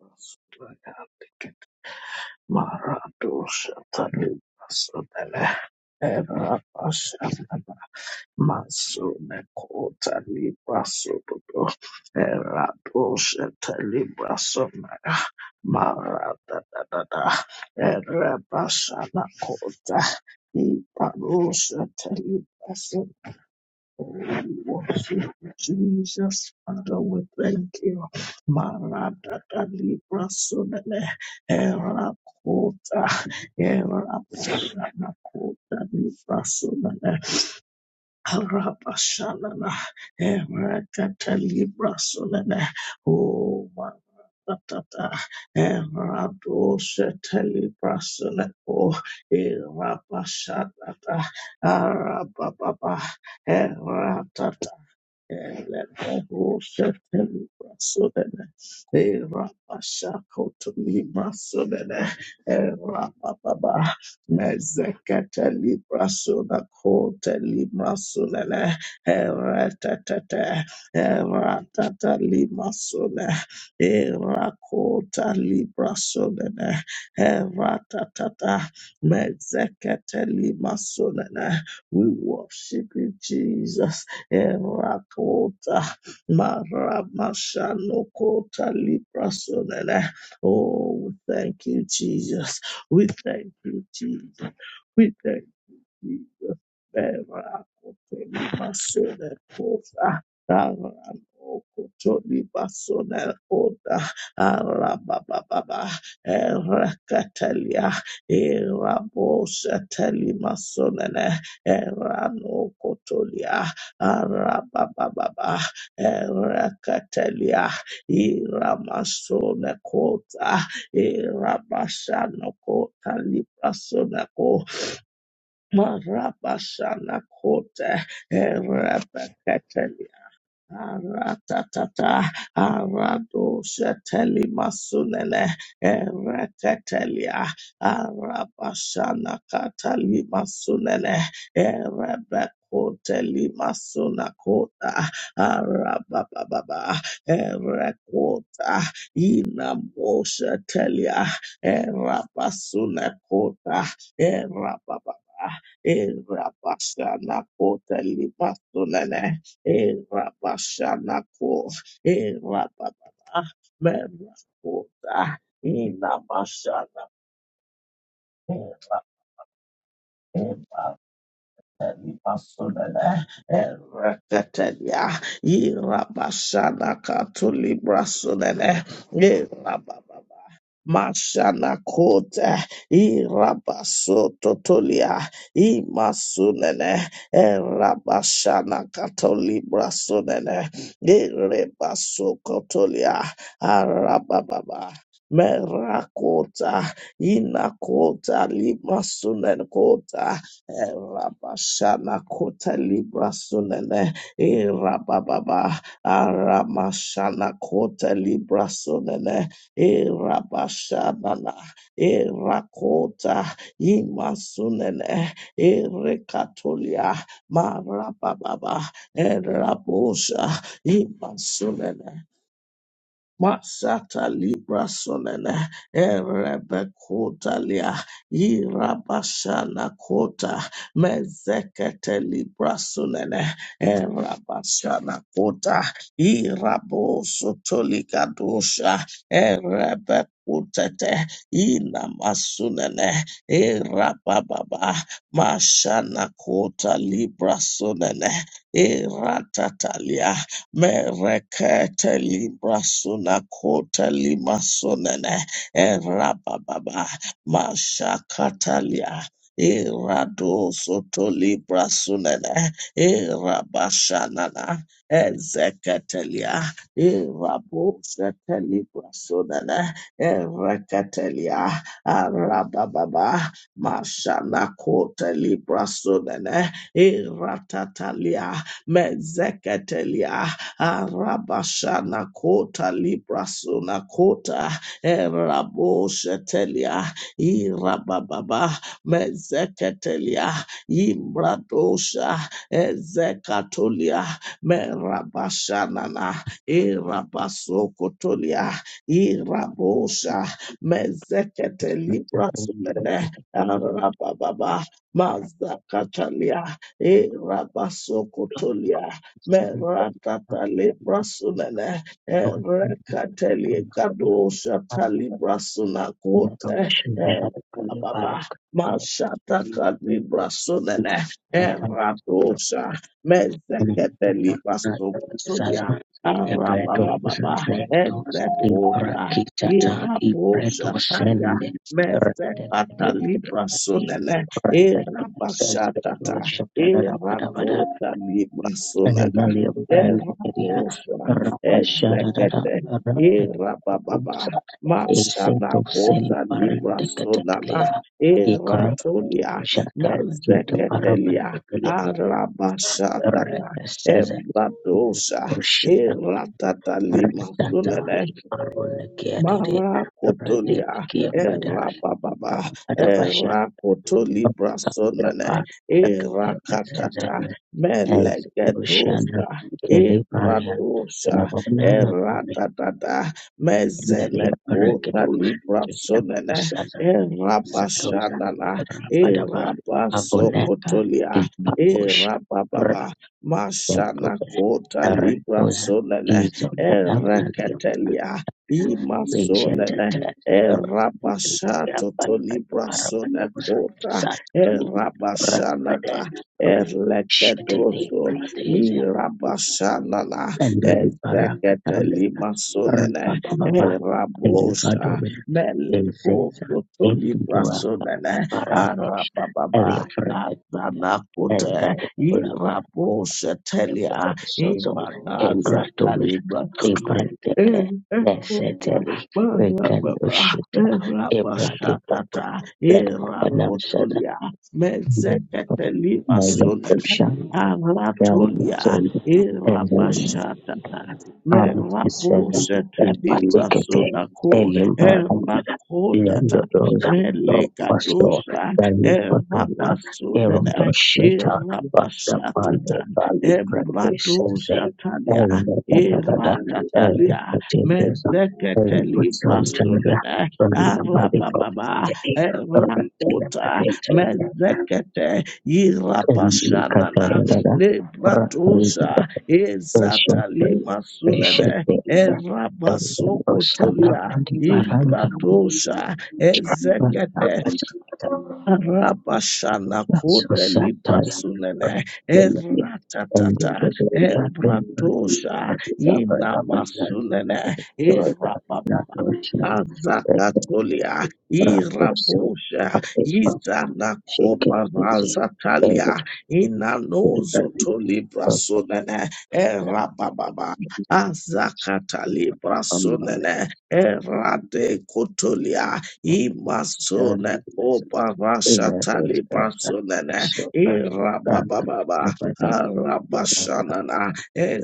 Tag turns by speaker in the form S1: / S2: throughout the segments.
S1: Marata we worship you, Jesus, Father, we thank you. Maradada Libra Sunele, Era Kota, Era Shana Kota Libra Sunele, Araba Shanana, Era Kata Libra Sunele, O Maradada, Era Doshe Telibra Oh Era Bashanada, Araba Baba, Mezekete limasonene. We worship you, Jesus erakota maramashanokota liprasonene. Oh, we thank you, Jesus. We thank you, Jesus. We thank Jesus, Vera, Cotelima, Sede, Cosa, Aran, Ocotolima, Sonel, Oda, Arabababa, Eracatelia, Erabosa, Telima, Sonene, Erano, Cotolia, Arabababa, Eracatelia, Iramasone, Cota, Irabasano, Cota, Libra, Marabashana kote, erepekete Aratatata, arado sheteli masunene, ereketelia, arabashana katali masunene, erebekoteli masunakota, arabababa, erekota, inamoshetelia, erabasunekota, erabababa, erabashana koteli masunene, E erababa, merakota, e era, era, elibasolele, ereketelia, irabashana katulibrasolele, erababa. Mashana kota irabaso totolia imasunene erabashana katolibra sunene irebaso kotolia arabababa merakota inakota limasunen kota erabashana kota libra sunene irabababa aramashana kota libra sunene Erabashanana, Erakota, Imasunene, Erekatolia, Marababa, Erabosha, Imasunene. Masata Libra Sonene Erebe Kotalia Irabashana Kota Mezekete Libra Sonene Erabashana Kota Irabo Sotolika Dosha Erebe Kutete Ina Masunene Erababa Mashana Kota Libra Sonene Eratatalia Merekete libra suna kota lima sunene. Erababa. Mashakatalia. Irado soto libra sunene. Irabashanana. Ezeketelia. Irabo sete libra sunene. Ereketelia. Arababa. Mashana kota libra sunene. Iratatalia. Mezeketelia. Arabashana kota librasuna kota eraboshetelia irabababa mezeketelia imbradosha ezekatolia merabashanana irabasokotolia irabosha mezeketelibasune arabababa mazakatalia irabasokotolia Merakatali brasunene, eh, Rekateli kadoshatali brasuna kote, Baba.
S2: Baraka
S1: Mashata kali brasunene, Eradosha, Mezeketeli
S2: sasa
S1: brasukutulia, Arabababa, Ezekota,
S2: eperospinophracta
S1: Irabosha talia,
S2: extende
S1: Mezekatali brasunene,
S2: rectus
S1: irabashata.
S2: rarabarabará
S1: Erakota libasunaka.
S2: animalia brandicaria
S1: Eraposha.
S2: rapashara
S1: Ezekete. Erababa. Mashana kota
S2: excelente
S1: librasunana.
S2: icota
S1: Eratolia. Mezeketelia.
S2: rectus
S1: Arabashatata. Ebradosha.
S2: oshata
S1: Eratata limasunene.
S2: ironicere
S1: Mara kotolia era bababa,
S2: rabashak
S1: Erababa, Erakotoli Brasonene, Erakatata,
S2: and oshan
S1: Melegetosa,
S2: eleva
S1: Ebradosha,
S2: eronana
S1: Eratata,
S2: eleva
S1: Mezenekota baso
S2: rectus
S1: Erabashanana, Erabasokotolia,
S2: Bush Ra
S1: bababa, Mashana Kota Librasonene,
S2: is another
S1: ketelia.
S2: shed
S1: Imasonene
S2: area
S1: Erabashato Tolibrasone Kota
S2: mostly
S1: Erabashanaka
S2: shed
S1: Erlekedoso Irabashanana
S2: and river
S1: Ezekete Limasonene
S2: Rababa
S1: Erabosha Melikoto
S2: in
S1: Tolibrasonene
S2: area
S1: Arababa Azanakote Irabosha Telia
S2: and
S1: Imanaza
S2: gradually
S1: Kalibra
S2: liberate the
S1: Erapotolia,
S2: Catholic Bush that announces the
S1: Mezeketeliba Sunana,
S2: Bush
S1: Aratolia,
S2: and the
S1: Erabashatata,
S2: armed descent
S1: Merabosete
S2: and
S1: Libra
S2: particularly
S1: Sunako,
S2: Elimba and the
S1: Erakotata,
S2: Dodoza Rosto
S1: Melegadosa,
S2: Erodo
S1: Erabasunana,
S2: Shetak and the
S1: Erabashatata,
S2: Valley Bread
S1: Ebradosatalia,
S2: and the Dadada and
S1: Iratatalia,
S2: the
S1: Mezeketeli
S2: Santaria
S1: Brasunene,
S2: from the Body
S1: Arabababa,
S2: of
S1: Erakuta, Mezekete,
S2: the
S1: Irapashanana,
S2: and the
S1: Nebratusa,
S2: Shanty
S1: Ezatali Masunene,
S2: Patient and the Bostana
S1: Erabasokotolia,
S2: Maranda
S1: Imbradosa, Ezekete, Rabashana kote
S2: Society
S1: libra sunene
S2: and
S1: eratatata
S2: the Latin
S1: ebratosha ina masunene erababa
S2: National
S1: azakatolia irabosha izana kopa razatalia inanozo to libra sunene erababa azakata libra sunene erade kotolia Imasone oparashatali prasonene irabababa harabashanana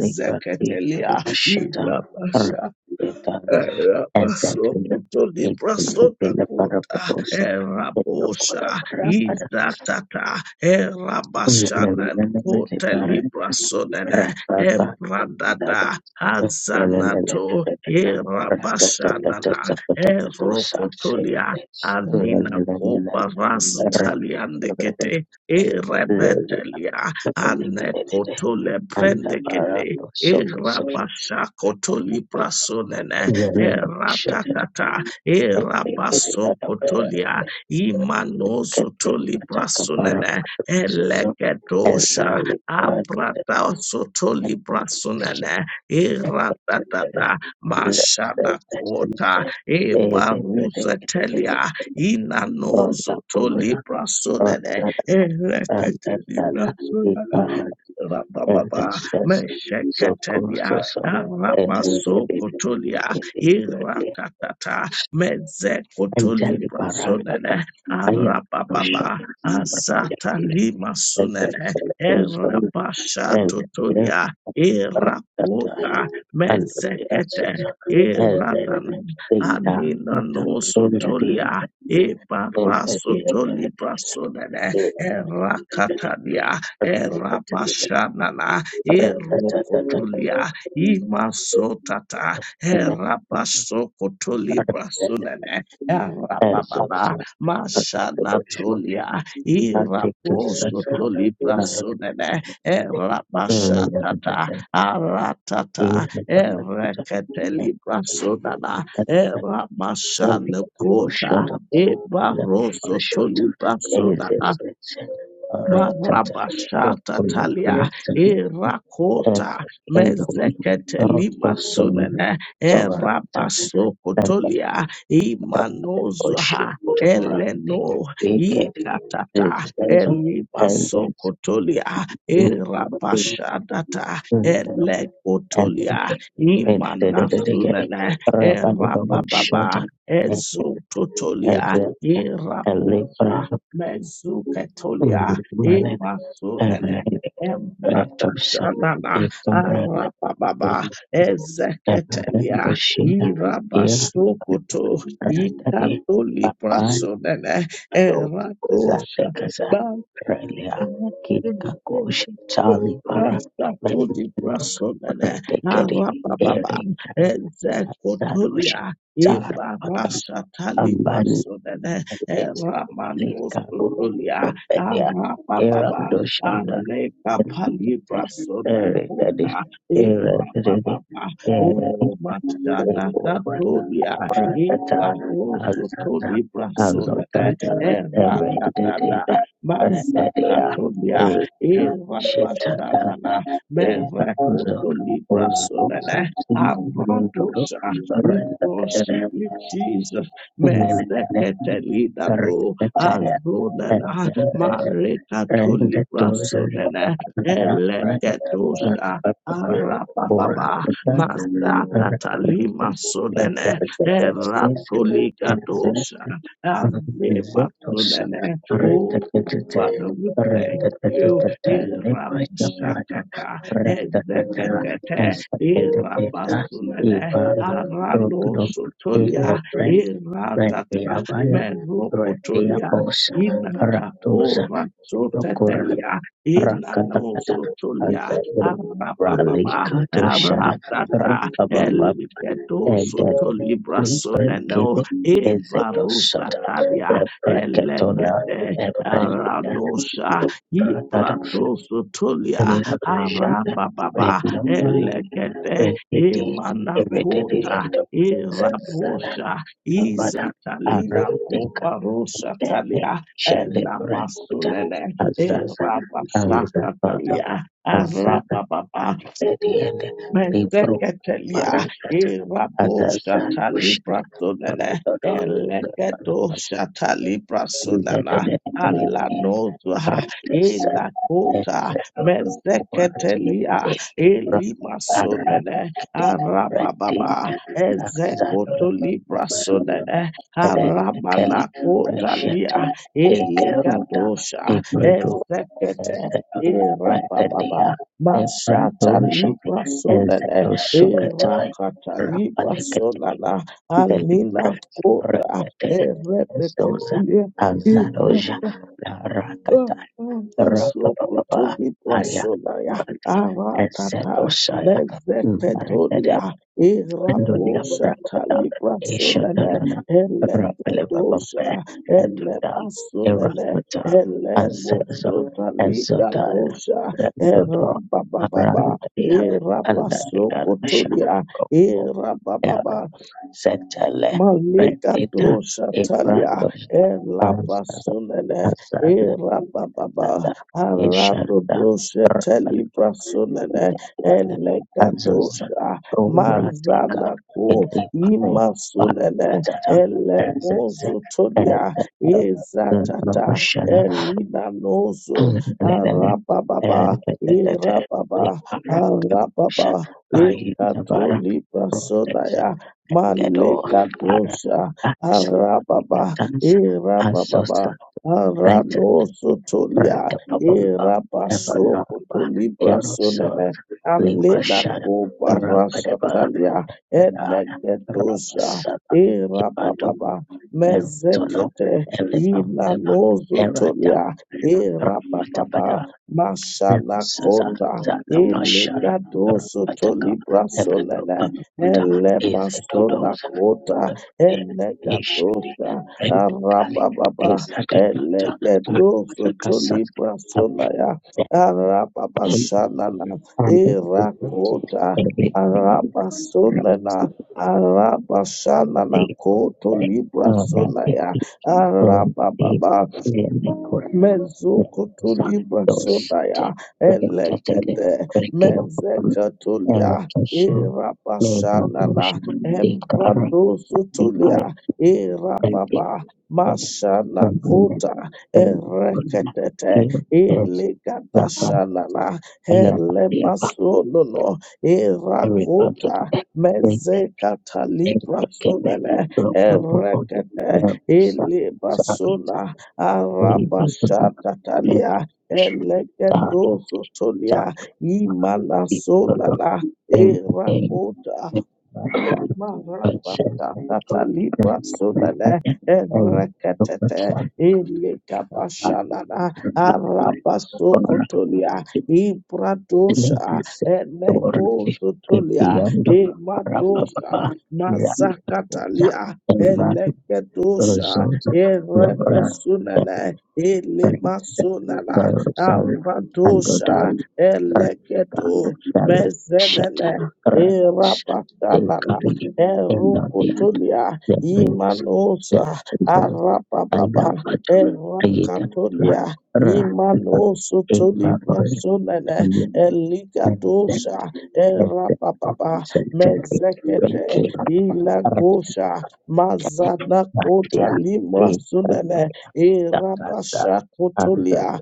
S2: and
S1: irabasha
S2: the Tana's
S1: Rabasokoto
S2: Philip
S1: librasodakota
S2: Madosa.
S1: erabosha izatata
S2: and and as they done
S1: erabashana
S2: in the
S1: kote
S2: end,
S1: librasodene ebradada azanato erabashanana erokotolia anina kopa rasutaliandekete erebetelia anekotole prendekete erabasha kotoli brasonene Eratakata, Erabasokotolia, Imanozotoli Brasunene, Elegedosha, Abrata Sotoli Brasunene, Eratatata, Mashanakota, Ebaruzetelia, Inanozotoli Brasunene, Eleketeli Brasunana, Rababa, Mesheketebia, Rabaso Kotolia, irakatata mezekotolibra sunene arababa azata lima sunene erabashatotolia irakota mezekete iranana aninanusotolia ibarasotolibra sunene erakatalia erabashanana erokotolia imasotata Herapasokoto librasunene.
S2: as
S1: Herapababa. Mashanatolia. Iraposoto librasunene. Herapashatata.
S2: part
S1: Aratata. Erekete librasunana. Herapasanokota.
S2: Short
S1: Ebarosoto librasunana.
S2: cases are taken
S1: Marabashata talia
S2: and
S1: erakota
S2: can be sold for
S1: mezeketelima sunene erabasokotolia imanozuha
S2: Torah.
S1: eleno
S2: It can be
S1: ikatata
S2: sent as
S1: elibasokotolia erabashadata
S2: and
S1: elekotolia
S2: dedicated
S1: imanasunene
S2: Rabban Babu
S1: erabababa
S2: short as
S1: ezototolia
S2: a
S1: irapota
S2: labor
S1: mezuketolia
S2: man
S1: Imasunene.
S2: and
S1: Embatatanana.
S2: brand
S1: Arapababa.
S2: and
S1: Ezeketelia.
S2: Bushi. Here
S1: Irabasukutu.
S2: at Bado
S1: Ikatoliprasunene. Eradosha.
S2: Zatelia Kikos
S1: Rasatuli Brasonene
S2: Kedisar
S1: Arababam Ezekotolia Eba Rasatali
S2: Amban
S1: Brasonene Eramanosotolia
S2: Rudia Iranda
S1: Arababam Aneka Palibrasone
S2: Erikadi
S1: Kota
S2: Eredidi
S1: Erababam O Machana
S2: Erekata
S1: Katolia Eba Rosotoli Brasonene
S2: Azotata Eredidi
S1: Eradadada
S2: Eredia
S1: Mazakatolia,
S2: Shetaka
S1: Irapashanana,
S2: Ezo Ozo
S1: Merekotolia,
S2: Mulbara
S1: Avadosa, we worship you, Jesus. Mezeketelida
S2: Erekadia
S1: no azonena marekatoli brasonena eleketosa arapapapa
S2: and
S1: mazakatalima
S2: Rakaza
S1: sonene eratolikadosa avemasonene O Father, we thank you. Irabashakata, Ezeketete, Irabasunene, Aranosotolia, Iratata, Merokotolia, Inakapora sotetelia, inanosotolia, arababa,
S2: Ralikato Shada
S1: aratata,
S2: Rabamba
S1: eligedo
S2: Eged
S1: sotolibra
S2: Libreke
S1: soneno,
S2: Ezeto Shada
S1: ebarusatalia,
S2: Lebraketona
S1: elegete,
S2: Ebrand
S1: Aranosha, Ibratosutulia,
S2: Shanghai
S1: Arababa, Elegete,
S2: Reketi
S1: Emanakota,
S2: Kirianza
S1: Irabosha,
S2: Vada Abram
S1: Izatalina Koparosha Talia, Enamasunene,
S2: Lepazaza Anza
S1: Erabasaka Talia, Arababa,
S2: Sabedian
S1: Menteketelia,
S2: Libara
S1: Irabo Shatalibra Sunana, Elegedo Shatalibra Sunana,
S2: Edipsa
S1: Alanozwa, Elakota,
S2: Etra
S1: Menzeketelia, Elima
S2: Arati
S1: Sunene, Arabababa, Ezekoto Libra Sunene,
S2: Edet
S1: Arabanakota Lia,
S2: Eka
S1: Elegado sha
S2: Bredo
S1: Ezekete, Irabababa.
S2: Ea Leprato
S1: Bashata libra solele
S2: Ezumata
S1: erakata libra solala
S2: Delipra
S1: alina kota erebeketele
S2: Zadoja
S1: Oh,
S2: Rakata
S1: oh,
S2: Rapapapapatosaya
S1: basokotoli brasolaya, aratata, mezeketolia,
S2: Rabra
S1: iraboshatali brasolene,
S2: Rabra
S1: eleketosha,
S2: Era
S1: elebasolene, elemosotali gadosha,
S2: Dodo
S1: erabababa,
S2: Brand
S1: irabasokotolia, irabababa,
S2: Sectele
S1: Malika dosha talia ela basunene era bababa
S2: Ishanzos
S1: arato dosha teli brasunene eleka dosha
S2: Orataro
S1: mazana ku imasunene ele mozu
S2: Eren
S1: tolia izatata
S2: Oshada
S1: elina nozu
S2: Fedele
S1: arababa irababa arababa
S2: Kapahin Tabara
S1: ekatoli
S2: Gedo
S1: Malikadosha Arababa Irababa
S2: Brent
S1: Aranosotolia Irabasokotolibra
S2: Aero
S1: Sunene Alena Kopa Rasatalia
S2: Liquidara
S1: Enegedosha Irababa
S2: Ibero
S1: Mezekete Inanozotolia Irababa Mashanakota
S2: Sabashada
S1: Elegadoso Tolibra Sunene Elemasola kota elegadosa
S2: Brent
S1: arababa elegedoso tolibra solaya arababa shanana
S2: and
S1: irakota araba solana araba shanana koto libra
S2: um,
S1: solaya
S2: so
S1: arababa
S2: network
S1: Mezokotolibra sonaya
S2: project
S1: elegede
S2: scale
S1: mezekatolia
S2: error so label of motion
S1: irabashanana
S2: data
S1: embradozotolia irababa mashana kota ereketete
S2: error
S1: ilikadashanana elemasonono irakota
S2: Thank you.
S1: mezekatalibra sonene
S2: From
S1: erekete
S2: the
S1: ilibasona
S2: we met
S1: Arabashatalia Elegedozotolia
S2: the
S1: Imalasolala
S2: and the
S1: Erakota
S2: says
S1: Marabashatatalibasulele,
S2: and
S1: ereketete, ilikabashalala,
S2: for the
S1: arabasukutulia, ibradosha,
S2: word to be
S1: elegosutulia,
S2: on
S1: imadosha,
S2: Rabbit
S1: mazakatalia,
S2: Rat Rosara
S1: eleketosha, erebesunele, ilimasunala,
S2: and Rosar and Roda
S1: abradosha, eleketo, mezenele, irabashalala,
S2: in the
S1: Erukutulia
S2: Princess
S1: Imanusa Arapababa Erakatolia
S2: Rara
S1: Imanosu Tulibra Sunene Eligadosha
S2: and
S1: Erapababa
S2: Richard
S1: Mezekete Ilagosha Mazana Kota Limra
S2: in
S1: Sunene
S2: the
S1: Irabasha Kotulia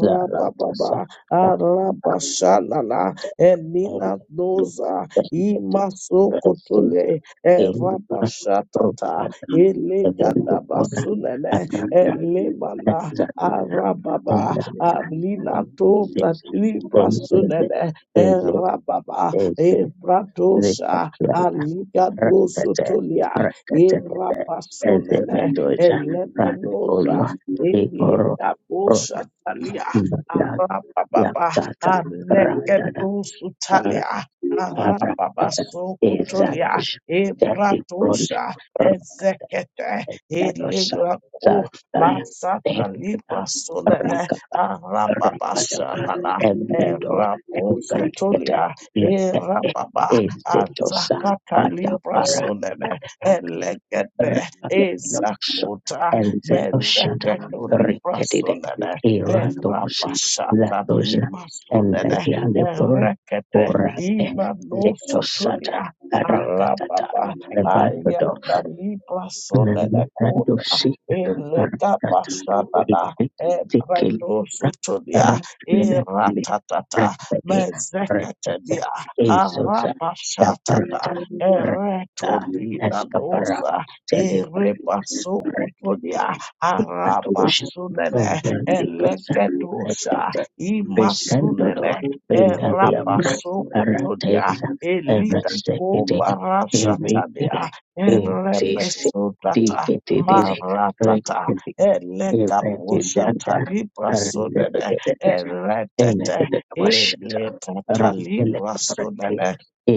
S2: Zara
S1: Arabashanana Elina
S2: Press
S1: imasokotole
S2: in of
S1: erabashatata elegadabasunele elemana arababa ablinato
S2: and
S1: tatlibrasunene
S2: Eze-
S1: erababa
S2: eze-
S1: ebradosha
S2: ya-
S1: aligadosotolia erabasunene
S2: ezemedoza
S1: elemenosa
S2: uyo ikoro
S1: elegabosatalia
S2: ya
S1: arababa
S2: kara
S1: aneketosutalia
S2: ara
S1: Arababaso kotolia
S2: ezadoza
S1: ebratosha
S2: rakadosa
S1: ezekete eligaku masata libra solele
S2: raka
S1: arababasha nana
S2: emedo
S1: eraboso
S2: grata
S1: tolia erababa
S2: ezetos
S1: azakata
S2: pata
S1: libra
S2: para
S1: solele elegede
S2: rinosa
S1: ezakota
S2: enzenoshata
S1: mezeketo libra solele
S2: iratosa
S1: erabashata
S2: latosa
S1: lima solele
S2: endediande
S1: e
S2: kore
S1: rekete.
S2: ora tosata
S1: Imanosotonia
S2: raka
S1: Arababa Ayata Libra Sonene Kota Elega Basanana
S2: Thank
S1: Ebredosotonia
S2: Rabbana
S1: Eratatata Mezekatania
S2: Jesus da Pra-
S1: Arabashatata
S2: Rabara
S1: Eretolina Nosa Erebasokotonia
S2: Atosham
S1: Arabasunene
S2: because
S1: Elegedosa
S2: Pesando
S1: Imasunene
S2: Benaria Karate
S1: Erabasokotodia, Elita
S2: Erasite
S1: Kobarasatadia, Erebesotata,
S2: Dikete
S1: Maratata, Elegabusata
S2: Rekidanda
S1: Librasodene,
S2: and
S1: Eretete,
S2: Wash Rabbele
S1: Elegata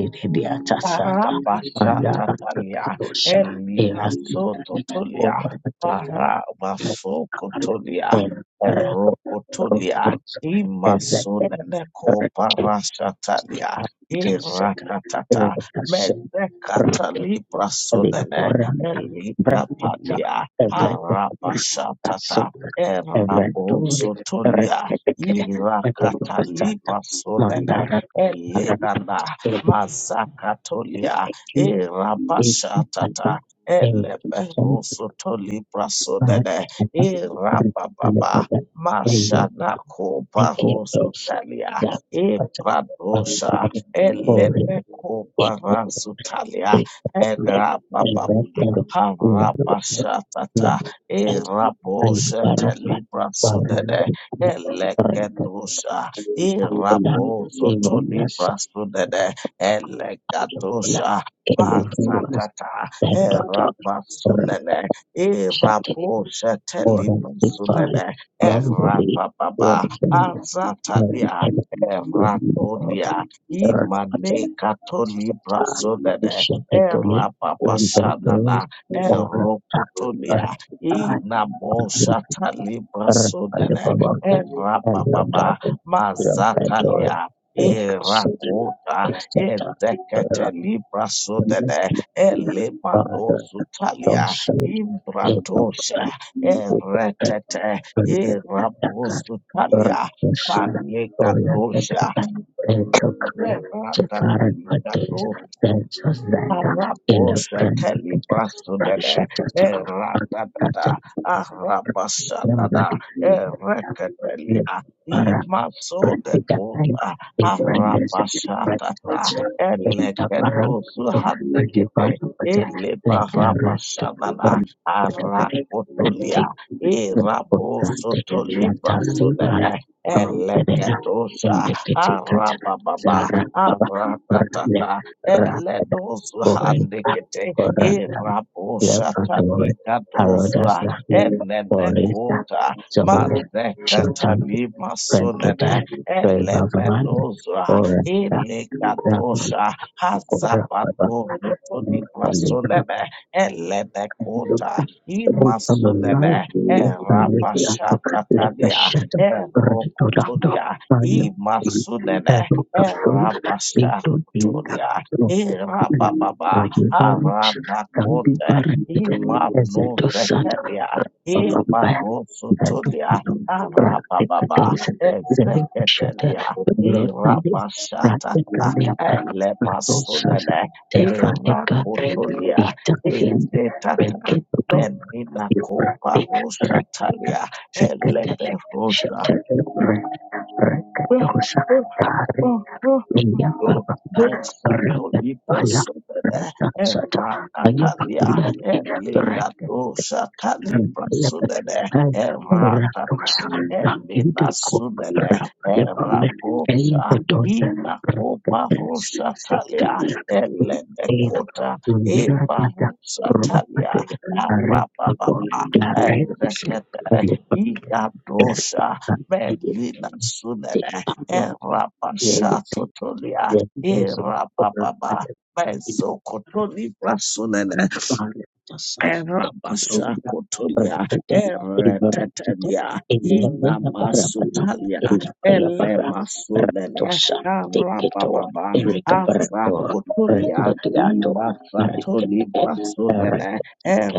S2: Diatasata Mandara
S1: Parabashatalia, Elidasototolia,
S2: Over
S1: Parabasokotolia, Erokotolia, Imasuneneko Parashatalia, Irakatata, Mezekatalibrasodene, Elikapalia, Parabashatata, Erabosotolia,
S2: Mandara
S1: Irakatalibrasodene,
S2: It
S1: Mazakatolia,
S2: is
S1: Erabashatata,
S2: a
S1: Eleberosotoli Brasodede,
S2: and the
S1: Erababa,
S2: prayer
S1: Mashanako
S2: I give
S1: Barosutalia, Ebradosha,
S2: for
S1: Elebeko
S2: it
S1: Barasutalia,
S2: be accurate
S1: Erababa.
S2: in the
S1: Harabashatata,
S2: land as
S1: Erabosha Libra
S2: well as the Bible.
S1: Sudede, Elekadosha, Irabo
S2: Even
S1: Zotolibra Sudede, Elekatosha
S2: in the kingdom,
S1: Masatata
S2: the daughter
S1: Erabasunene
S2: Rasha
S1: Iraposha
S2: or the father,
S1: Telibasunene
S2: more than the road
S1: Erapababa Azatania
S2: and the
S1: Eratolia
S2: third.
S1: Imane Katolibrasunene
S2: Particularly, even those
S1: Erapapashadana
S2: or are
S1: Erokutulia Inamosha
S2: the
S1: Talibrasunene
S2: and the
S1: Erapababa
S2: power. Thank you.
S1: Mazatalia Irakota Edekete libra sodede, elemano zutalia, imbratosha, eretete, irabo zutalia, manigadosha, meratata Araposha Kalibrasudene, Eratadada, Arabasadada, Erekatelia, Imaso de Kota, Arabashatata, Elekedosu Hadekete,
S2: Garo don
S1: Elebarabashadana, Arakotolia,
S2: Shantari Bharat
S1: Erabosotolimbrasunene,
S2: from
S1: Eleketosha,
S2: Indian
S1: Arababa,
S2: Rale,
S1: Aratatata, ele dozu
S2: Raporin,
S1: handekete E eledozu handikete
S2: Korangan,
S1: irabosata
S2: Lepandore, Harodas,
S1: nikadozwa
S2: Boris,
S1: enenekota mazekata
S2: Shotan,
S1: limasonene
S2: Venkadat, Rebhagavan,
S1: elemenozwa
S2: Oranda,
S1: ilikadosha
S2: Rapakora, Kali,
S1: hazabadovutonimasonene elenekota
S2: Rupamanai,
S1: imasonene
S2: Kali,
S1: erabashatatalia
S2: Rasha, Raditolando,
S1: erokotolia imasunene
S2: Pandagosul, Vinto Dinda,
S1: erabashatolia
S2: Paruch,
S1: Irababa,
S2: Kandi,
S1: Aranakote,
S2: Parangit,
S1: Imanu
S2: Dosat,
S1: Zekelia, Ibarosutulia,
S2: Babambandadu,
S1: Arababa, Ezeketelia,
S2: Road and the
S1: Irabashatata,
S2: Bradley Gandhia Passes
S1: Elepasunene,
S2: Friday
S1: Irakutulia,
S2: Ethiopian Redodo
S1: Izetata, Menina
S2: Ibra
S1: Copa Rosatalia,
S2: Kete
S1: Eleperosa.
S2: Shetel Ibra Rekadosa Kare Nia Baba
S1: Besato libra
S2: Rakatala
S1: sudebe e
S2: Sata
S1: ratatalia
S2: Ayubakulan
S1: e
S2: Red
S1: ligato shata
S2: and
S1: libra sudebe
S2: Lebanon
S1: e ratata
S2: Rosa
S1: e
S2: Nakida
S1: sudebe
S2: Rakapame
S1: e
S2: and
S1: rabosha
S2: the daughter
S1: ina opa rosa
S2: to
S1: talia
S2: be
S1: e lende kota
S2: in
S1: e barusa
S2: United
S1: talia arabababa
S2: Club,
S1: e
S2: right?
S1: zekete
S2: Public
S1: e
S2: video
S1: melina sudebe
S2: take various
S1: Erapashatotolia,
S2: versions of
S1: erapapapa,
S2: Indosa,
S1: mezokoto librasunene, Erabasa kotolia,
S2: Ibarat
S1: eretetalia, ina
S2: Indonesia Barat
S1: masutalia,
S2: Indrapaya
S1: ele
S2: Barat
S1: masunele,
S2: Ratusa Tikito
S1: arababa,
S2: Erika Barato
S1: azakotolia,
S2: Rendetiato
S1: imasatoli brasunele,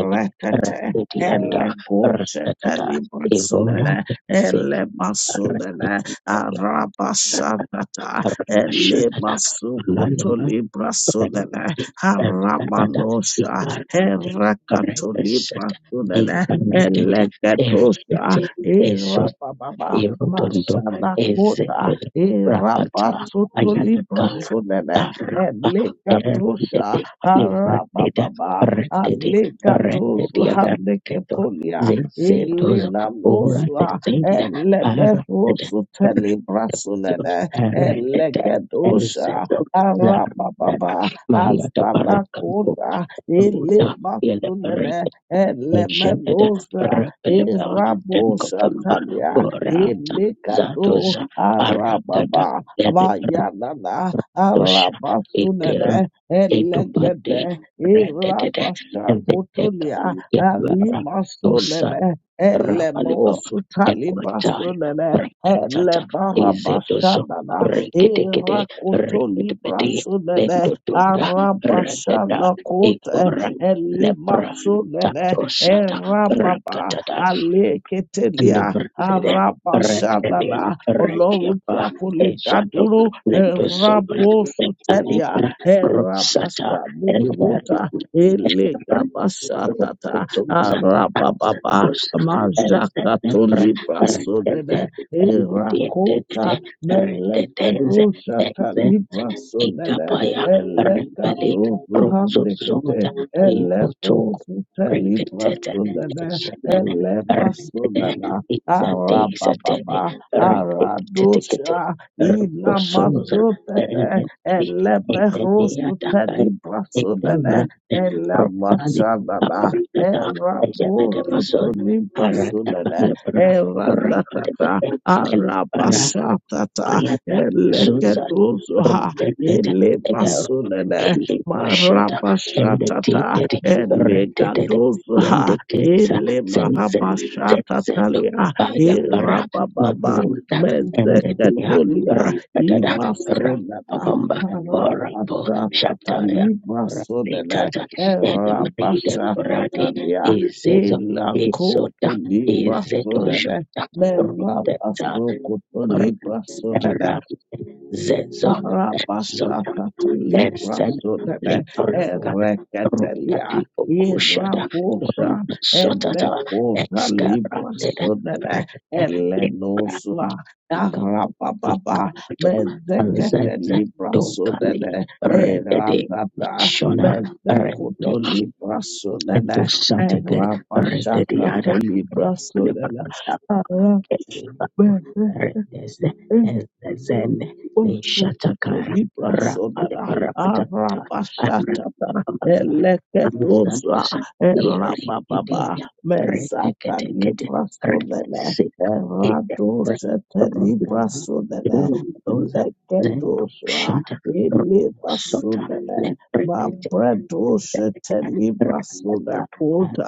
S2: Rendetianda
S1: ele goseteli
S2: Ibora
S1: brasunele,
S2: Se
S1: ele masunele, arabashatata,
S2: Ashad
S1: ele
S2: Malima
S1: masukotoli brasunele,
S2: and
S1: harabanosha,
S2: Red
S1: Herakatolipa Sudana Elekatosha Irapababa
S2: Erotondo
S1: Masana
S2: is
S1: Kota
S2: Rapa
S1: Irapasutolibra Sudana Elekatosha
S2: Libra
S1: Harapababa
S2: Red Red
S1: Adlekatosu Handekepolia
S2: Diabazin
S1: Elena Nosua
S2: Saint
S1: Elebefosu Telibra Sudana
S2: Eric is
S1: Elekatosha
S2: the
S1: Arababa Asana Kota Elematulele,
S2: Rekata
S1: Elemenosa, Irabosatalia, Elekado, Arababa, Abayanana,
S2: Ardoshakir
S1: Arabasunene,
S2: de
S1: Elegede, Irabashakutulia, Alimasunene, Elemosu talibasunene, elebarabashadana,
S2: Rekitenda
S1: irakutuli brasunene,
S2: Redda
S1: Arabashana kote elimasunene
S2: Lepra
S1: erababa
S2: and
S1: aleketelia
S2: the Bede
S1: arabashanana
S2: Rekia
S1: Ọlọ́run tí a kò lè dá dúró
S2: Bosor
S1: ẹ̀rábòsù tẹ̀lé ẹ̀rábàṣà
S2: and
S1: mùkúta
S2: Elephant
S1: ẹlẹ́gàbàṣàtàtà àràbàbàbà màzàkàtólìbàṣọ̀nẹ̀nẹ̀ ẹ̀rákòóta mẹ̀lẹ́kẹ̀dọ̀ṣàtàlìbàṣọ̀nẹ̀nẹ̀.
S2: Tapaya
S1: Elekatusu
S2: Repro
S1: handikete. Eleposu telibrasudene.
S2: and
S1: Elemasudana. Arababa.
S2: Rete
S1: Aradusha.
S2: Rekir Sonos
S1: Inamasutete. Eleberusu
S2: Kaidavra
S1: telibrasudene.
S2: Rota
S1: Elemasadana. Erabosu
S2: Edemason
S1: tulibrasudene. Eratakata.
S2: Para
S1: Arabashatata. Eleketusu Elebasunene
S2: Rashad and
S1: Marabashatata
S2: Reza
S1: Elegadozaha Elemarabashatalia
S2: Bara
S1: Irababa
S2: Road and Diatada
S1: Mezeketolia Imasunana
S2: Rapabamba or
S1: Rabashatata Libasunene
S2: Shakitat and Barade
S1: Rabashatalia
S2: is
S1: Elakoto
S2: is Dojo
S1: Libasunene Merabasukoto
S2: or
S1: Libasunene
S2: Era Zezo Zota
S1: Rabashata
S2: Es
S1: Libra Sudene
S2: Litor
S1: Erekatelia
S2: Garkusha
S1: Irabosha
S2: Sotata
S1: Enekota Libra Sudene Elenosua Arababa Mezekete Libra
S2: Kapali
S1: Sudene
S2: Red
S1: Erabata
S2: Shona
S1: Mezekoto Libra
S2: and
S1: Sudene
S2: Dogeg Regadiada
S1: Erabashakato Libra Sudene Arabe
S2: and Zen Nishat
S1: Osokoto libra sonana arabashatata eleketosa
S2: Rairi
S1: erababa mezata libra sonene eradosete libra sonene
S2: Iru dosa
S1: eleketosa
S2: permanen
S1: elibra sonene
S2: cepat
S1: mabredosete libra sonakota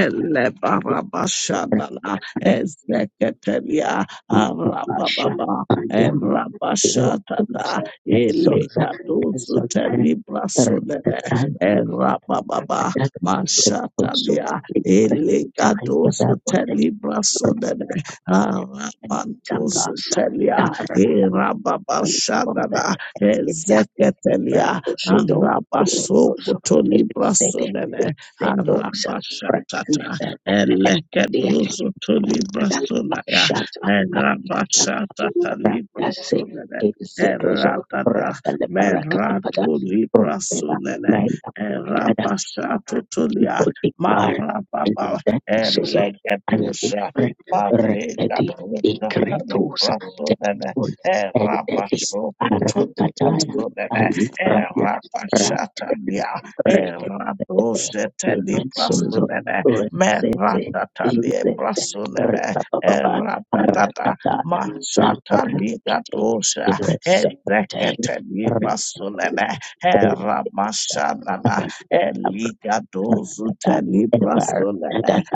S1: elebarabashanana ezeketelia arababa Rabashatata Elekatu Telibra Sonene Rabababa Mashatania Elekatu Telibra Sonene Rabando Sutelia Rababa Shanana Ezeketelia Rabasoko Tolibra Sonene Rabashatata Eleketu Tolibra Merabashata Libra Sunene Eratata Meratu Libra Sunene Erabashato Tulia Marababa Elegatusha Babliga Brutata Libra Sunene Erabaso Kutuli Sunene Erabashata Lia Eradosete Libra Sunene Meratata Libra Sunene Eratata Mashata Ligatosha
S2: Thank
S1: Ezekete Libasunene Eramashanana Eligadozu
S2: you.
S1: Telibrasunene
S2: Tadanando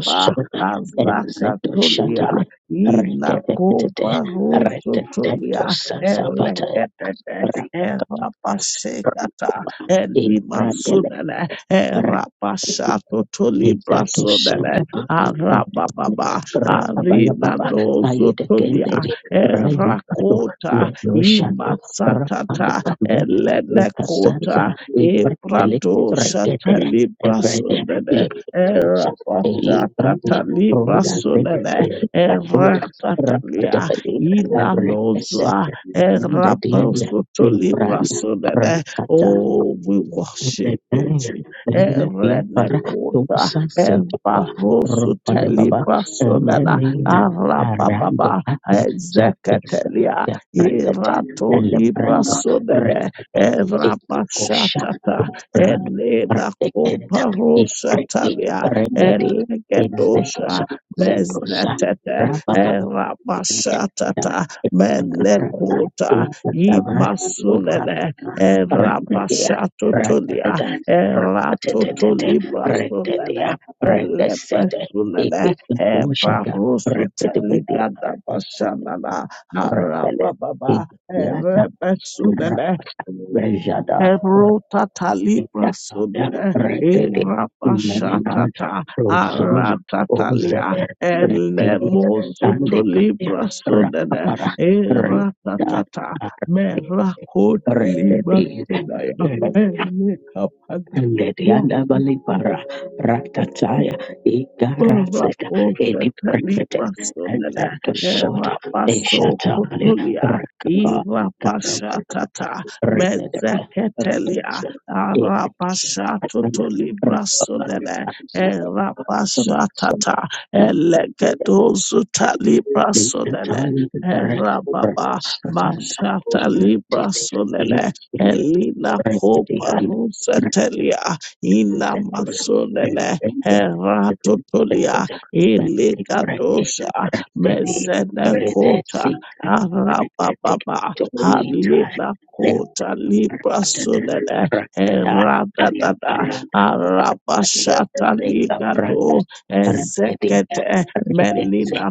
S2: so exeto shatal
S1: Azakatulia
S2: rekapata
S1: Inakobarusutulia Elekete Erabashekata
S2: e pradele
S1: Elimasunene Erabashato Tolibrasunene
S2: resane
S1: Arababa,
S2: rakabaya
S1: Arina no
S2: ai
S1: Zotonia,
S2: rendi
S1: Erakota,
S2: no shata
S1: Imatsatata, Elenekota,
S2: rakapatele
S1: Ebrado
S2: e
S1: Satalibrasonene,
S2: eli pradele
S1: Erabasatata Librasonene, Eratatalia, Inanozoa,
S2: rende e
S1: Erabosoto
S2: prata
S1: Oh, we worship you, Jesus.
S2: rende to
S1: Erenekota,
S2: rampale
S1: Barosuteli Basonana
S2: bamene
S1: Arababa Ezeketelia Iratoli Basonene
S2: rekapati
S1: Erabashatata Elena Koparosatalia Elegedosha
S2: zetos
S1: Mezetete Erabashatata Menekuta
S2: tavar rakapatele
S1: Imasunene Erabashatotolia Eratotoli Basonene
S2: rendes
S1: Elepesunene
S2: kosha
S1: Ebarusu Teligada Bashanana
S2: rende
S1: Harababa Erepesunene
S2: Rejada,
S1: Ebrota Talibra Sunene
S2: Redede, Meninaja,
S1: Irabashatata
S2: Rosos,
S1: Aratatalia Elemosu Tolibra Sunene
S2: Redede,
S1: Iratata Merakot Libra Sunaya Elikapad
S2: Balibara, Ratataya, Igaras,
S1: Raposha
S2: Edip,
S1: Talibaso Nela
S2: Sota,
S1: Rapaso
S2: Eshata,
S1: Kotulia Irapasha Tata
S2: Redede,
S1: Mezeketelia Arapasha Totoli Braso Nela Rapasha Tata Elegedozu Talibraso Nela
S2: Tiny Garret,
S1: Rababa Mashata Libra
S2: Edip,
S1: Solele Elina Copa Rosetelia Ina Masolele Heratotolia Ilikadosha
S2: and the
S1: Mezenekota Arababa
S2: Resolita,
S1: Halina Kota Libra Sunene Heradada Arabashata Ligado Ezekete Melina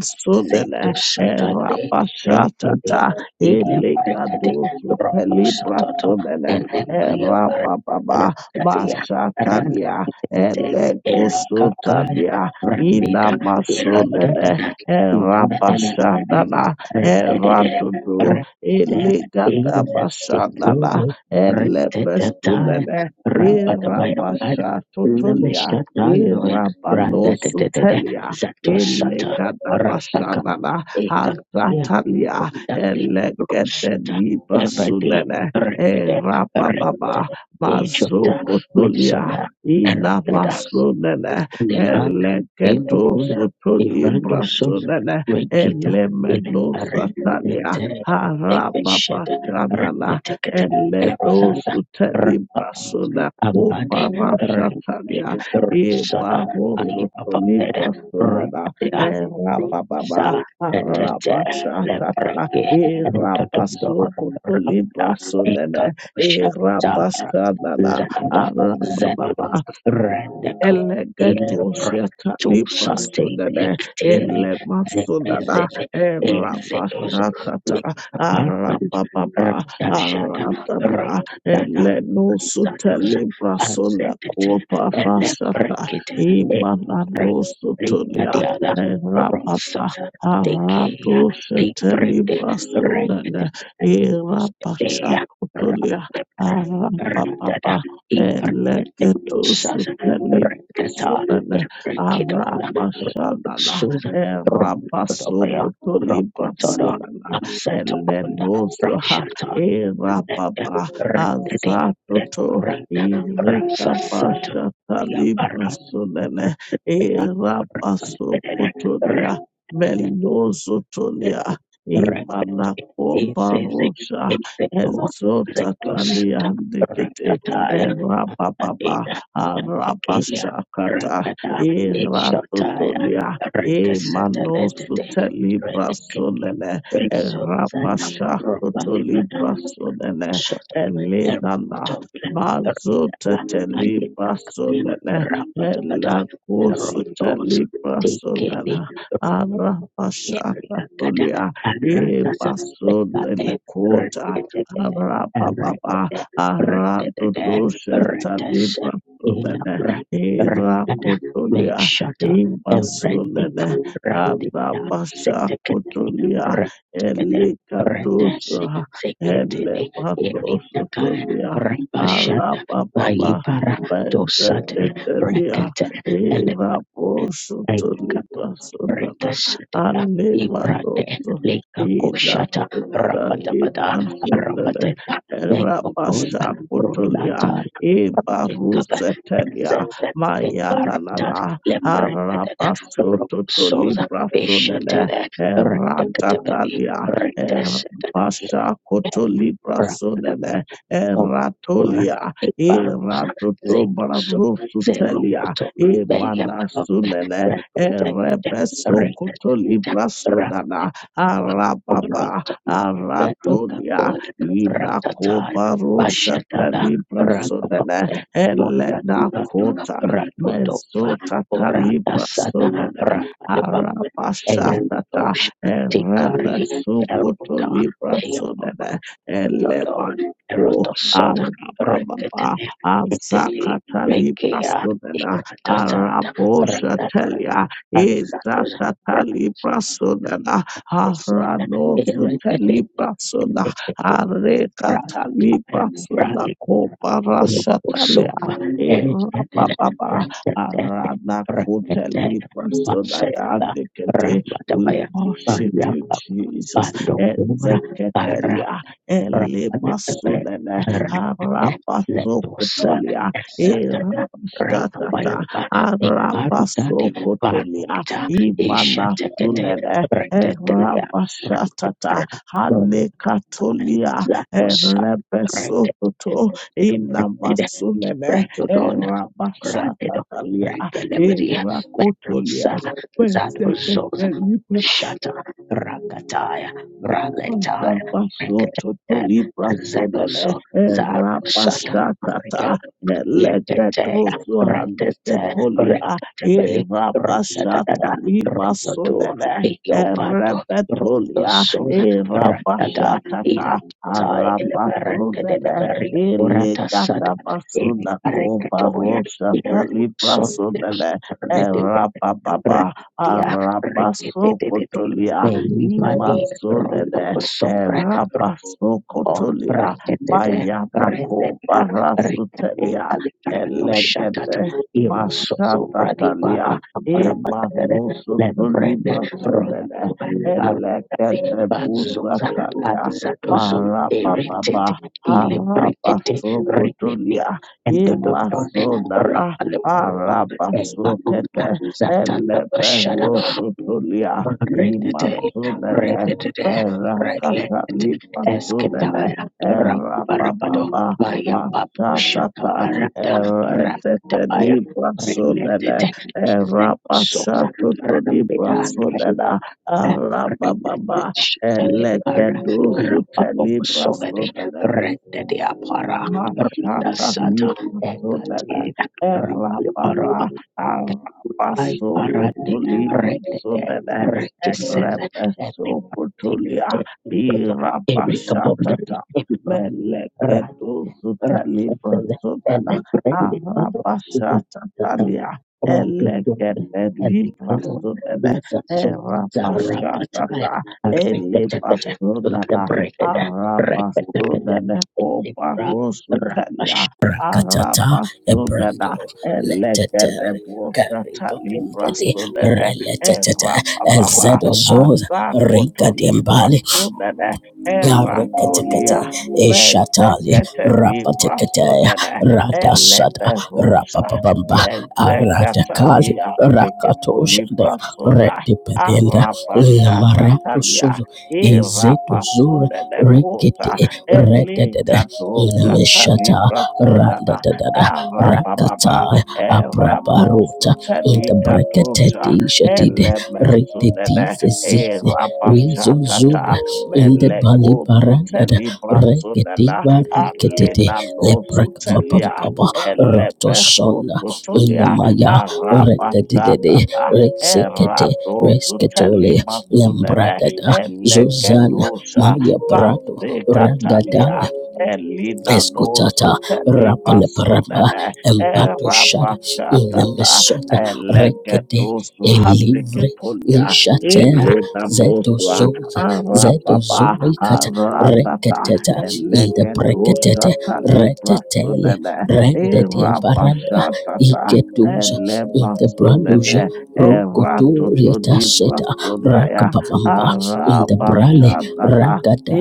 S2: Zek,
S1: Sunene Herabashatata
S2: Lepos,
S1: Ilikadosu Telibra Sunene
S2: Ayabatia,
S1: Herababa Mashatalia
S2: Rante,
S1: Elekosotabia
S2: Data,
S1: Inamasunene
S2: data,
S1: Erabashanana Eradudu Eligadabashanana Elebesunene Irabashatutulia Irabanosutelia Elegadabashanana Azatalia Elegedenibasunene Erababa Mazokotolia Ina Inamasunene, Elekedosutulibrasunene, Elemenosatalia, Harapapachanana, Eledosutelibasune, Uparashatalia, Ibarosutulibrasunena, Erabababa, Arabashatata, Irabasukutulibrasunene, Irabashanana, Ah, la, ba, ba, Elegedosheta lipasodene elemasodana erapashatata arapapapa
S2: Shut up.
S1: aratata elenosutelibrasona koparashata imananosutulia
S2: Ela
S1: erapapa
S2: Rotik Brigria
S1: aradoshetelibrasodene irapashakotolia arapapapa Eleketus
S2: Brigata
S1: Sunana
S2: Kido
S1: Aramashanana
S2: Susan Rodora
S1: Erabasukutu Librasinana
S2: Sato
S1: Elenozoha Erababa
S2: Reddi
S1: Azatoto
S2: Sat
S1: Irikabashata Librasunene Erabasukutulia Melozotolia
S2: Red is
S1: Imanakopa Rosha Ezotatalia Nikete
S2: Rectile
S1: Erababa Arabashakata
S2: Rectile
S1: Eratotolia Emanosuteli Brasonene
S2: Spiritual
S1: Erabashatotoli Brasonene Elenana Mazoteteli Brasonene
S2: Rectabada Rotos
S1: Elakosuteli Brasonene Arabashakatolia
S2: Rectila
S1: Ebasonele Kota Arababa Aradodosheta Sunana, Herakotolia, Himasunana, Anabasha Kotolia, Elikatosa,
S2: Rectila
S1: Elebanosotolia,
S2: Rabashada
S1: Arababa,
S2: Bayiptos
S1: Bezeketelia,
S2: Elementa
S1: Heraposotoliba Sunana, Anemanoso,
S2: Leka Kosha
S1: Ina Kutani
S2: Rabatabada
S1: Sunana,
S2: Rabek Rola
S1: Rabasha E Ibarusetenia Mayanana
S2: Lepre
S1: Harabaso
S2: Sosa
S1: Totolibra
S2: Bishop
S1: Eratatalia
S2: Rectes
S1: Erabasha Kotolibra Sonene Eratolia Eratoto brasutelia e
S2: Beyate
S1: Emanasunene Erebeso Kotolibra
S2: Rebra
S1: Sonana Arababa Aratolia inakobarosha talibra sodene
S2: Ramoto
S1: elena kota mezota talibra sodene
S2: Rebab Egan
S1: arabashatata erebe
S2: Tikari
S1: sukoto libra sodene
S2: Erotos
S1: elemanko arababa azakata libra sodene arabosha telia izatata libra sodene aranosu telibra Arekatali prasoda kopa
S2: Ruposo
S1: rashatalia. E
S2: El
S1: rapapapa arana kuteli prasoda
S2: Rabaya
S1: yandikete. We worship
S2: Baya
S1: you, Jesus.
S2: Andokura
S1: Ezeketelia
S2: Rapper
S1: elimasunene
S2: Eric
S1: harapasokotolia. E
S2: Rakapaya
S1: rapastatata harapasokotolia.
S2: Ishte
S1: Imana sunene e rapashatata Hanekatolia
S2: Rosadid
S1: Rebesoto Inamasuleme Rabashatalia
S2: Remedy
S1: Erakotolia
S2: Zadozo Rakataya Ragataya
S1: Rapasoto librasonene
S2: So Zar
S1: rapashakata leketusu
S2: Yente
S1: handikepolia rapashata
S2: Dada
S1: limasonene
S2: Vato
S1: repetolia
S2: So
S1: e rapashatata
S2: Zai
S1: arapasunene
S2: Very Ora
S1: ilikatapasunako kobaroshata librasonene rapababa
S2: Dia
S1: arapasokotolia
S2: Mani
S1: imasonene
S2: Rondo Rek
S1: Rabasokotolia
S2: Rek
S1: Bayata
S2: Rek
S1: Kobarasutelia
S2: Dosha
S1: Elegede
S2: Eroso Bradi
S1: Mashatatalia
S2: Rapatade Bread
S1: Emanosotolibra Sunene
S2: Rock
S1: Elegede Busatalia
S2: Ile
S1: Marababa
S2: Rindodo
S1: Harabasokotolia Emasonana
S2: Rapado
S1: Arabasokete
S2: Shada
S1: Eleberosotolia
S2: Dite
S1: Imasonene
S2: Red
S1: Erakatalipasunene,
S2: Ketaya Rapado
S1: erababa,
S2: Maria Babusha
S1: mashatata, eretetelipasunene, erapashatotolipasunena, arabababa,
S2: Shitali
S1: elekedusutelipasunene,
S2: Rendedia Para
S1: Mashata
S2: Rindasa
S1: Libra Sodala Rapapa
S2: Raparapatai
S1: Arapaso
S2: Para
S1: Kotulibra
S2: Re
S1: Sodala
S2: Rekisset
S1: Repeso Kotulia
S2: Tombodo
S1: Irapashatata Meleketu Sutalibra
S2: and
S1: Sodala
S2: the brand is
S1: Arapashatalia Elekete Libra Sodala
S2: the
S1: Rapashatata Elipasodala
S2: bread, the bread,
S1: Arabasudene kopa rusutalia.
S2: Ashrakatata
S1: Arabasudena elegede brusata
S2: Pompede
S1: librasudene.
S2: Relatata
S1: Erapapapa
S2: Zadozoza
S1: azakoto
S2: Rinkadimbali
S1: librasudene.
S2: Narekatekete
S1: Eratolia
S2: Eshatali
S1: mezekete
S2: Rapete
S1: librasudene.
S2: Radasada
S1: Elebe rusha
S2: Rapapabamba Aradakali
S1: mezekatalia ndekefo
S2: Rakatoshada
S1: librasuna.
S2: Redenda Namaratu
S1: Arabashatatalia.
S2: Suzu Ezetu
S1: Irapasundekota
S2: Rededede,
S1: Elitadota
S2: Inamishata,
S1: Talibrasundana
S2: Randadada, Rakata,
S1: Arapapa
S2: Apraparuta, in the
S1: Eraposutelikadosha
S2: Brekateti Shatide, Rededis.
S1: Elemesundene
S2: Rizo zoom
S1: Irapashatata
S2: in the Bali Barandada
S1: Melekotutelibrasundana
S2: Regediva Riketete
S1: Alinanosutelia
S2: Leprekamapampaba Rotoson in the
S1: Eleberosutulia
S2: Maya Redede
S1: Arapashatata
S2: Resekete Resketole
S1: Eradosutelima
S2: Lembrada Zuzana
S1: Elegedusa
S2: Maya Brato Ragadaya
S1: Mazekatalia Elina
S2: Escutata rapaleparama
S1: Nozupelibasodene
S2: embadosh
S1: Erabakatata
S2: inemesota rek
S1: Elegedusu
S2: eliv
S1: Handikepolia
S2: nishater
S1: Elena Mosua
S2: zed
S1: Arababa
S2: rek
S1: Aratata
S2: inde
S1: Elegedusa
S2: breketete reteteli
S1: Talibrasodene
S2: rendedia
S1: Erabashatata
S2: iketuza
S1: Elemasunene
S2: branduja rukoturietaset
S1: Eratotolibasodaya
S2: rakamba brale
S1: Arabashadana.
S2: ragada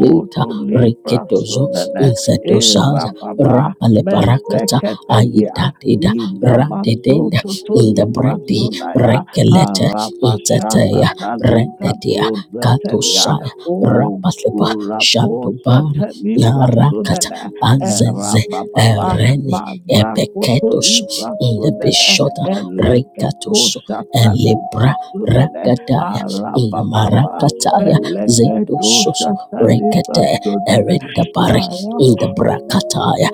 S2: Lita
S1: libra
S2: Riketozo
S1: sunene.
S2: Insedosaza
S1: Irababa.
S2: Rapale Parakat Ay
S1: Mezeketelia.
S2: radedenda
S1: Inamatsutu tu
S2: in the
S1: libra
S2: bredi
S1: sunaya.
S2: rekelete teya
S1: Arabashatata liga
S2: rededia
S1: dozetelia.
S2: tosaya
S1: O
S2: rapaslepa shandoba
S1: gurabose te libra
S2: yara
S1: sunene.
S2: azeze
S1: Erabababa.
S2: erene
S1: Mazakutu
S2: epeketos
S1: libra
S2: in the
S1: sunene.
S2: bishota
S1: Elegedo
S2: retos
S1: shata
S2: elebra
S1: libra sunene.
S2: rakadaya in the
S1: Arapapapa,
S2: marakataya zetos
S1: Meleketo Shatalipa
S2: Rekete
S1: Sodale,
S2: erindabari
S1: Aya,
S2: in the brakataya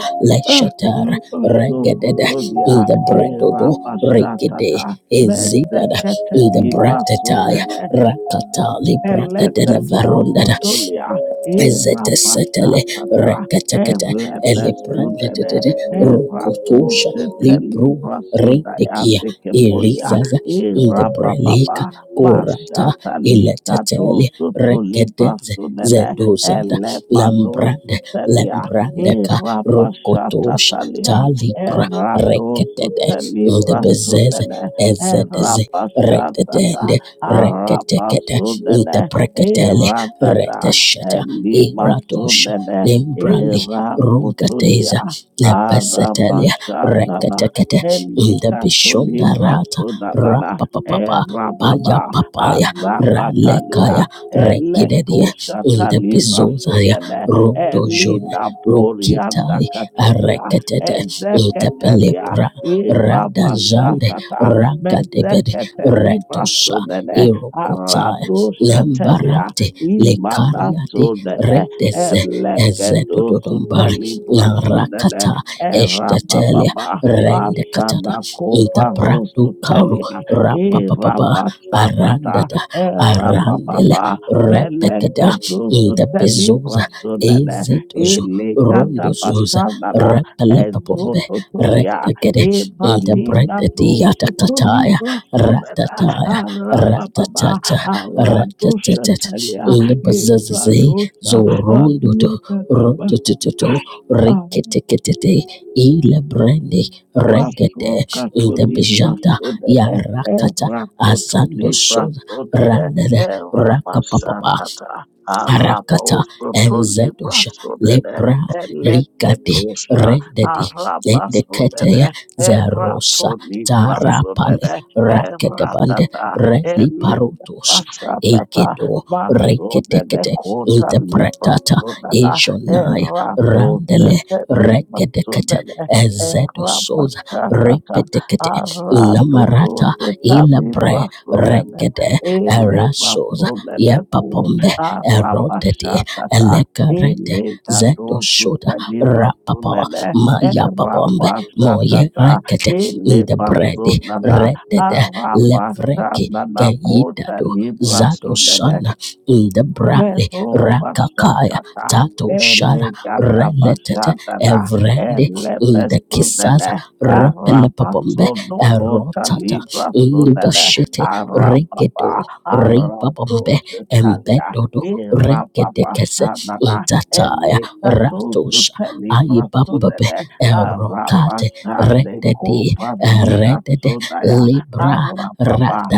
S1: ah, ah,
S2: leshater
S1: ah,
S2: regedede in
S1: Sokotodia,
S2: the bredodo regede
S1: Irapashatata,
S2: ezidada
S1: Mezekete
S2: in the
S1: Lipa
S2: bratetaya rakatali bratedele verondada
S1: Elepesututulia,
S2: ezete setele
S1: Irabashapata,
S2: reketekete
S1: Elepesutene,
S2: elebrandedede rokotosha libru rendekia
S1: Erabushitelibrasudayandikepolia,
S2: irizaza in the brelika
S1: Irabababa,
S2: korata iletetele re
S1: Bashatalikadozutulibrasunene,
S2: zedozada lambra
S1: Elemanusutelia,
S2: lembrandeka rokotosha
S1: Irabashatalia,
S2: talibra rekede
S1: Eradosutelibra
S2: ndebezeze
S1: sunene,
S2: ezedeze
S1: Erabashata,
S2: rededende reke
S1: arapasundene
S2: ndebreketele
S1: iratata
S2: reteshet iradosh
S1: elimasundene
S2: lembrali rungates
S1: irakotulia
S2: nebesetelia rek
S1: arapashandana
S2: ndebishondarat
S1: helikatolibrasunanana
S2: rapapa paya
S1: erababa
S2: paya
S1: azakatalia
S2: ralekaya regi ndebezozaya
S1: elekoshatalibrasunene
S2: Rokitai
S1: elinaporiandakatolia
S2: Arekatete Intepele
S1: ezeketelia
S2: Rada Jande
S1: irabashatata
S2: Ragatebede
S1: Mezeketeli
S2: Red
S1: brasunene
S2: Irotai Lembara
S1: aradusetelia
S2: Lek
S1: imanasunene
S2: Re Dododombari
S1: elegedusuteli brasunene
S2: Narakata Eshtatelia
S1: erabababa
S2: Rendekata Intabradu Karo
S1: asanakoparusutelia
S2: Rapapapa Aran
S1: irabasatata
S2: Arandele
S1: erabababa
S2: Repekada
S1: melegedusuteli
S2: Intabezos
S1: brasunene
S2: Ezetozo Ron
S1: ilikadabasanana
S2: Repelepo
S1: ezototolia
S2: Retekede
S1: Ebalina do
S2: Diatakataya,
S1: sotolibra sobeda
S2: Ratataya, Ratata,
S1: arababa
S2: rat.
S1: aradosha talia
S2: Ratlibazazi,
S1: ebradosha
S2: Zorondoto,
S1: alekadaba
S2: Rototo, Riketekete, Ilebrandi, Regate,
S1: Wasoka to Libra
S2: Idebijata,
S1: so that
S2: Yara,
S1: I Rakoto
S2: Asando
S1: Libra
S2: Soda,
S1: so that I
S2: Randere, Rakaba,
S1: Rabasatata
S2: Arak,
S1: Araboso to
S2: Enzeto,
S1: Libra so that I
S2: Lebra, Ricate,
S1: Eleketosha
S2: Red,
S1: Arabaso
S2: Teya
S1: that I
S2: Zerosa
S1: Rato Libra so that
S2: Tarapane
S1: I
S2: Raketebande
S1: Ratata
S2: Reliparutosa
S1: Elibasatata
S2: Egedo
S1: Maso that I
S2: Rekedekete
S1: Kota Libra
S2: Interpretata
S1: so that I
S2: Ejonaya
S1: Rato
S2: Randele
S1: Sete
S2: Red
S1: Libra so that I
S2: Ezetosoza Rick
S1: Ratata
S2: Namara
S1: Aratutu Sitani
S2: Ilabre
S1: Brasudene
S2: Rekede
S1: Ele
S2: Eraso
S1: Masudene Ku
S2: Yepapombe Ero
S1: Arabashatata
S2: Elekare
S1: Ele
S2: Zeto
S1: Gato
S2: Shoda
S1: Sutani
S2: Rapapa
S1: Masunene
S2: Maya Babombe Moye
S1: Erabashatata
S2: Rekete
S1: Ele
S2: Indebre
S1: Masunana
S2: redede levre
S1: Arabashanana
S2: keit
S1: Kota Libra
S2: zato
S1: Sunene
S2: shana indebrale
S1: Mero
S2: rakakaya
S1: basatata
S2: tato shara
S1: elegata
S2: relet
S1: basatata
S2: evre inde saza
S1: elepestudene
S2: repelep
S1: arabasono
S2: er
S1: kota libra sudene
S2: indubashete regedo
S1: arababa
S2: ribambe
S1: aradoshe
S2: embedo
S1: kalia irababashanana
S2: retaya
S1: elegatosu
S2: ratosha
S1: telibra
S2: ayibambabe
S1: sudene
S2: erokate
S1: arabashane
S2: redede
S1: kopalina
S2: red
S1: sudaya
S2: libra rat
S1: arababa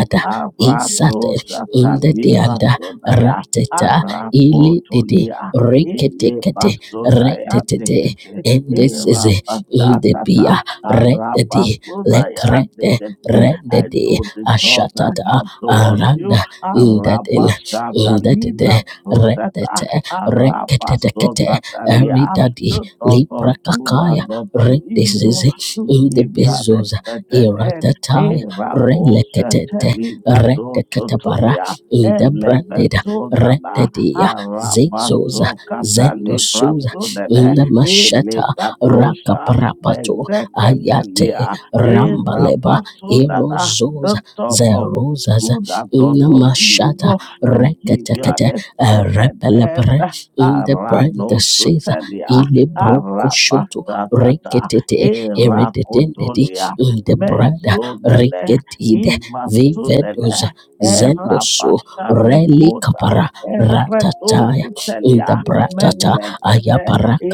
S2: E
S1: aradosha
S2: In Indati
S1: talibra
S2: anda
S1: sudaya
S2: rateta ili didi
S1: arapotolia ile
S2: reketek
S1: pasodaya
S2: retetete
S1: dekete era
S2: endesize
S1: patatata
S2: indepia rededi
S1: arapasodaya
S2: lekrete
S1: dekete I
S2: rededi
S1: know the thought I
S2: ashatata
S1: have towards
S2: aran
S1: you
S2: indatin
S1: arapasata
S2: indatede
S1: lina
S2: red
S1: sotata
S2: rekete
S1: arapasotatalia
S2: eridadi
S1: the thought
S2: lip
S1: of good
S2: Kaya
S1: and not of evil
S2: redesize
S1: to give you an
S2: indebezoza
S1: expected end.
S2: iratataya
S1: Era
S2: relekete
S1: bosa teliga
S2: red bara
S1: dosotolia
S2: in the brand.
S1: Elebesunana
S2: Rededia Zoza
S1: Harapasu
S2: Zendo Suza
S1: Katalibrasunene
S2: Lemasheta
S1: Ilikadosha
S2: Rakaprapato Ayate
S1: Mezeketelia
S2: Rambaleba
S1: Irabasunana
S2: Erozo
S1: the thought of
S2: Zero
S1: good and not of
S2: Lemashata
S1: evil to
S2: Rekete
S1: give you an expected end
S2: Repelebre in the brand Caesar
S1: Aranosutelia
S2: Ilebroco Shoto
S1: Arabasatata
S2: Rekete Ere
S1: Irakotolia
S2: in the bread Rekide
S1: Mezunene
S2: Vivedos
S1: Imasunene
S2: Zendoso Reli
S1: Erabashamekota,
S2: Capara Ratata in the
S1: Ebretosutelia,
S2: bratata
S1: Melegede,
S2: ayabaraka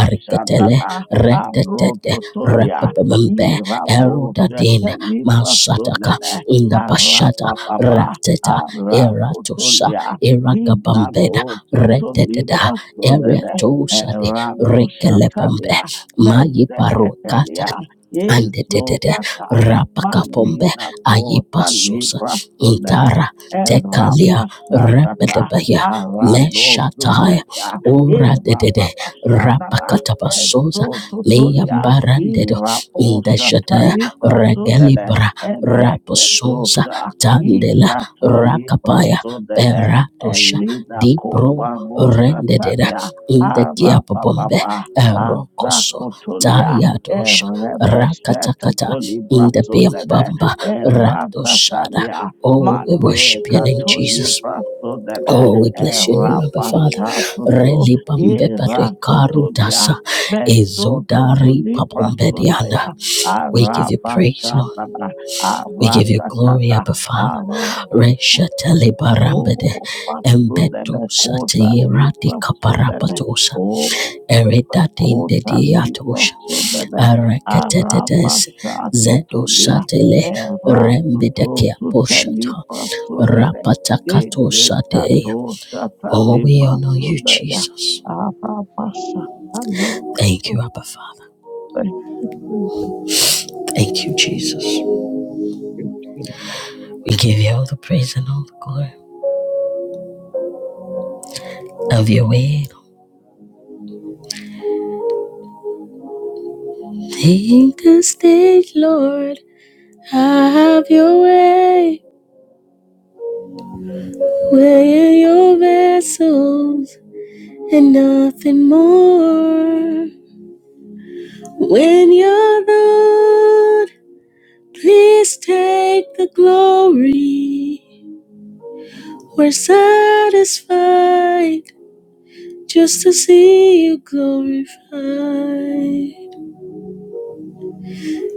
S2: arikatele retetet
S1: Arototolia,
S2: repepembe erodadin haka
S1: Irabosetelibrastonene,
S2: in the bashata ra
S1: Arapapapa,
S2: eratosa
S1: Aratotolia,
S2: eragabambeda reteteda
S1: Hinanototolibrastonene,
S2: eratosa de rekelepembe
S1: Erabosatalia,
S2: mayiparokat
S1: Mezeketelia,
S2: andetetede
S1: Ezotata,
S2: rapakapombe
S1: Malina
S2: ayipa
S1: kota libra sunene.
S2: intara tekalia repebaya
S1: Erapashatata. Arano
S2: meshataya
S1: sutelia.
S2: ora de rapa
S1: Irababashanana.
S2: tapasoza
S1: Ezotutulia.
S2: leyambarandedo indajada
S1: Iraposata libra sunene.
S2: regelibra raposoza
S1: Elekedosha.
S2: tandela
S1: Izato libra
S2: rakapaya
S1: sunene.
S2: peratosha
S1: Elina
S2: dipro
S1: kopa
S2: rendededa
S1: rosatalia.
S2: indakiapombe
S1: Arabababa.
S2: erokoso
S1: Azakotolia.
S2: tayadosha rak
S1: Erebeshetotolibrasodede,
S2: indabiambamba radosha
S1: Eratatalia,
S2: oh we
S1: Mande
S2: worship your name jesus
S1: Catolibrasodede,
S2: oh we bless your name abba father
S1: Erapashatoto,
S2: relibambeba
S1: Eratotolia,
S2: Karutasa Ezodari Dianda.
S1: Bezototolibrasodaya,
S2: We give,
S1: Arabashadada,
S2: we give you glory,
S1: Aratatata,
S2: Abba.
S1: Arabusha,
S2: Reshatele barambede
S1: Oh,
S2: embedo
S1: Basodede, Kota
S2: tiyerati
S1: Librasodede,
S2: kaparapatosa
S1: O
S2: eredati
S1: Rekota
S2: indediato
S1: lipo sudebe. Araba
S2: areketetes
S1: shato
S2: zedo
S1: todia.
S2: satele
S1: Era tuto
S2: rembedekia
S1: sute
S2: posha
S1: lipo sudebe.
S2: rapakato
S1: Ele
S2: sateya.
S1: kato shata
S2: Oh, we
S1: lipo
S2: honor you,
S1: sudeya.
S2: Jesus.
S1: Araba shata lipo
S2: Thank you, Abba Father.
S1: sudebe.
S2: Thank you, Jesus. We give you all the praise and all the glory of your way. Take the stage, Lord. Have your way, we're your vessels and nothing more. When you're Lord, please take the glory. We're satisfied just to see you glorified.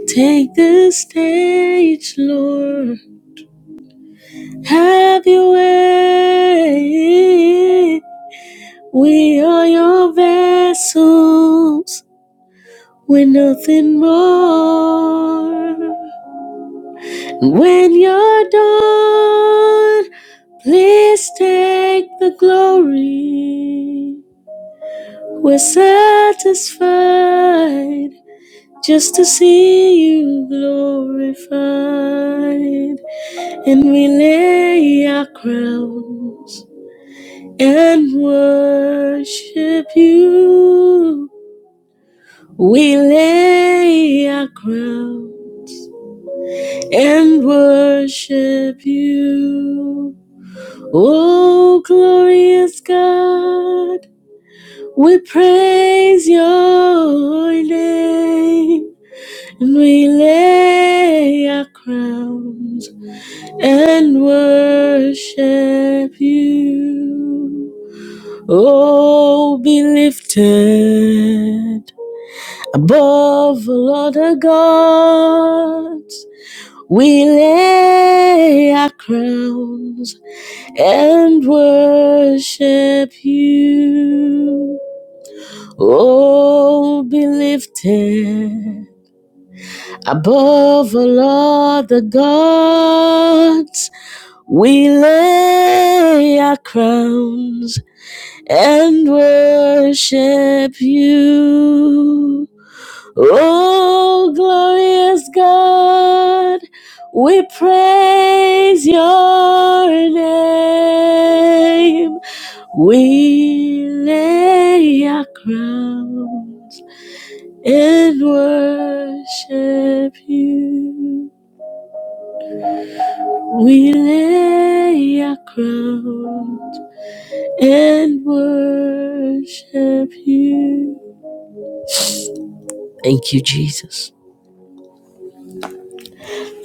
S2: Take the stage, Lord. Have your way. We are your vessels. We're nothing more. When you're done, please take the glory. We're satisfied just to see you glorified. And we lay our crowns and worship you. We lay our crown and worship you. O glorious God, we praise your name and we lay our crowns and worship you. Oh, be lifted Above all other gods, we lay our crowns and worship you. Oh, be lifted. Above all other gods, we lay our crowns and worship you. Oh, glorious God, we praise your name. We lay our crowns and worship you. We lay our crowns and worship you. Thank you, Jesus.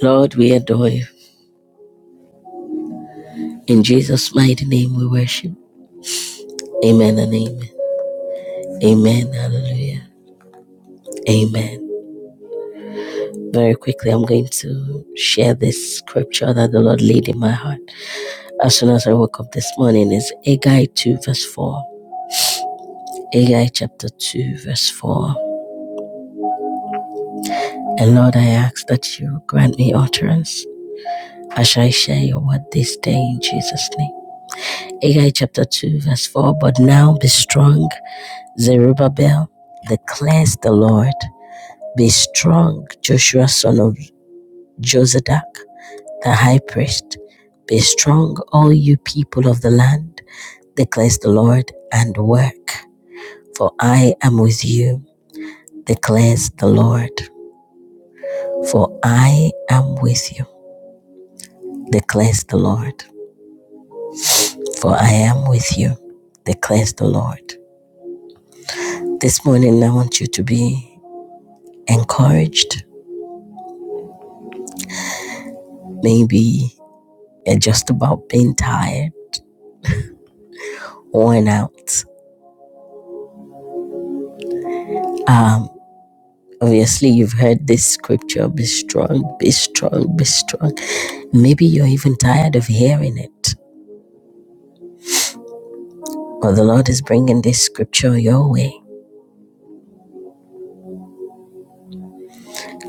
S2: Lord, we adore you. In Jesus' mighty name we worship. Amen and amen. Amen. Hallelujah. Amen. Very quickly, I'm going to share this scripture that the Lord laid in my heart as soon as I woke up this morning. It's Haggai 2, verse 4. Haggai chapter 2, verse 4. And Lord, I ask that you grant me utterance as I share your word this day in Jesus' name. Haggai chapter 2, verse 4 But now be strong, Zerubbabel, declares the Lord. Be strong, Joshua, son of Josadak, the high priest. Be strong, all you people of the land, declares the Lord, and work. For I am with you, declares the Lord. For I am with you, declares the Lord. for I am with you, declares the Lord. This morning, I want you to be encouraged. Maybe you're just about being tired, worn out. Um, obviously, you've heard this scripture be strong, be strong, be strong. Maybe you're even tired of hearing it, but the Lord is bringing this scripture your way.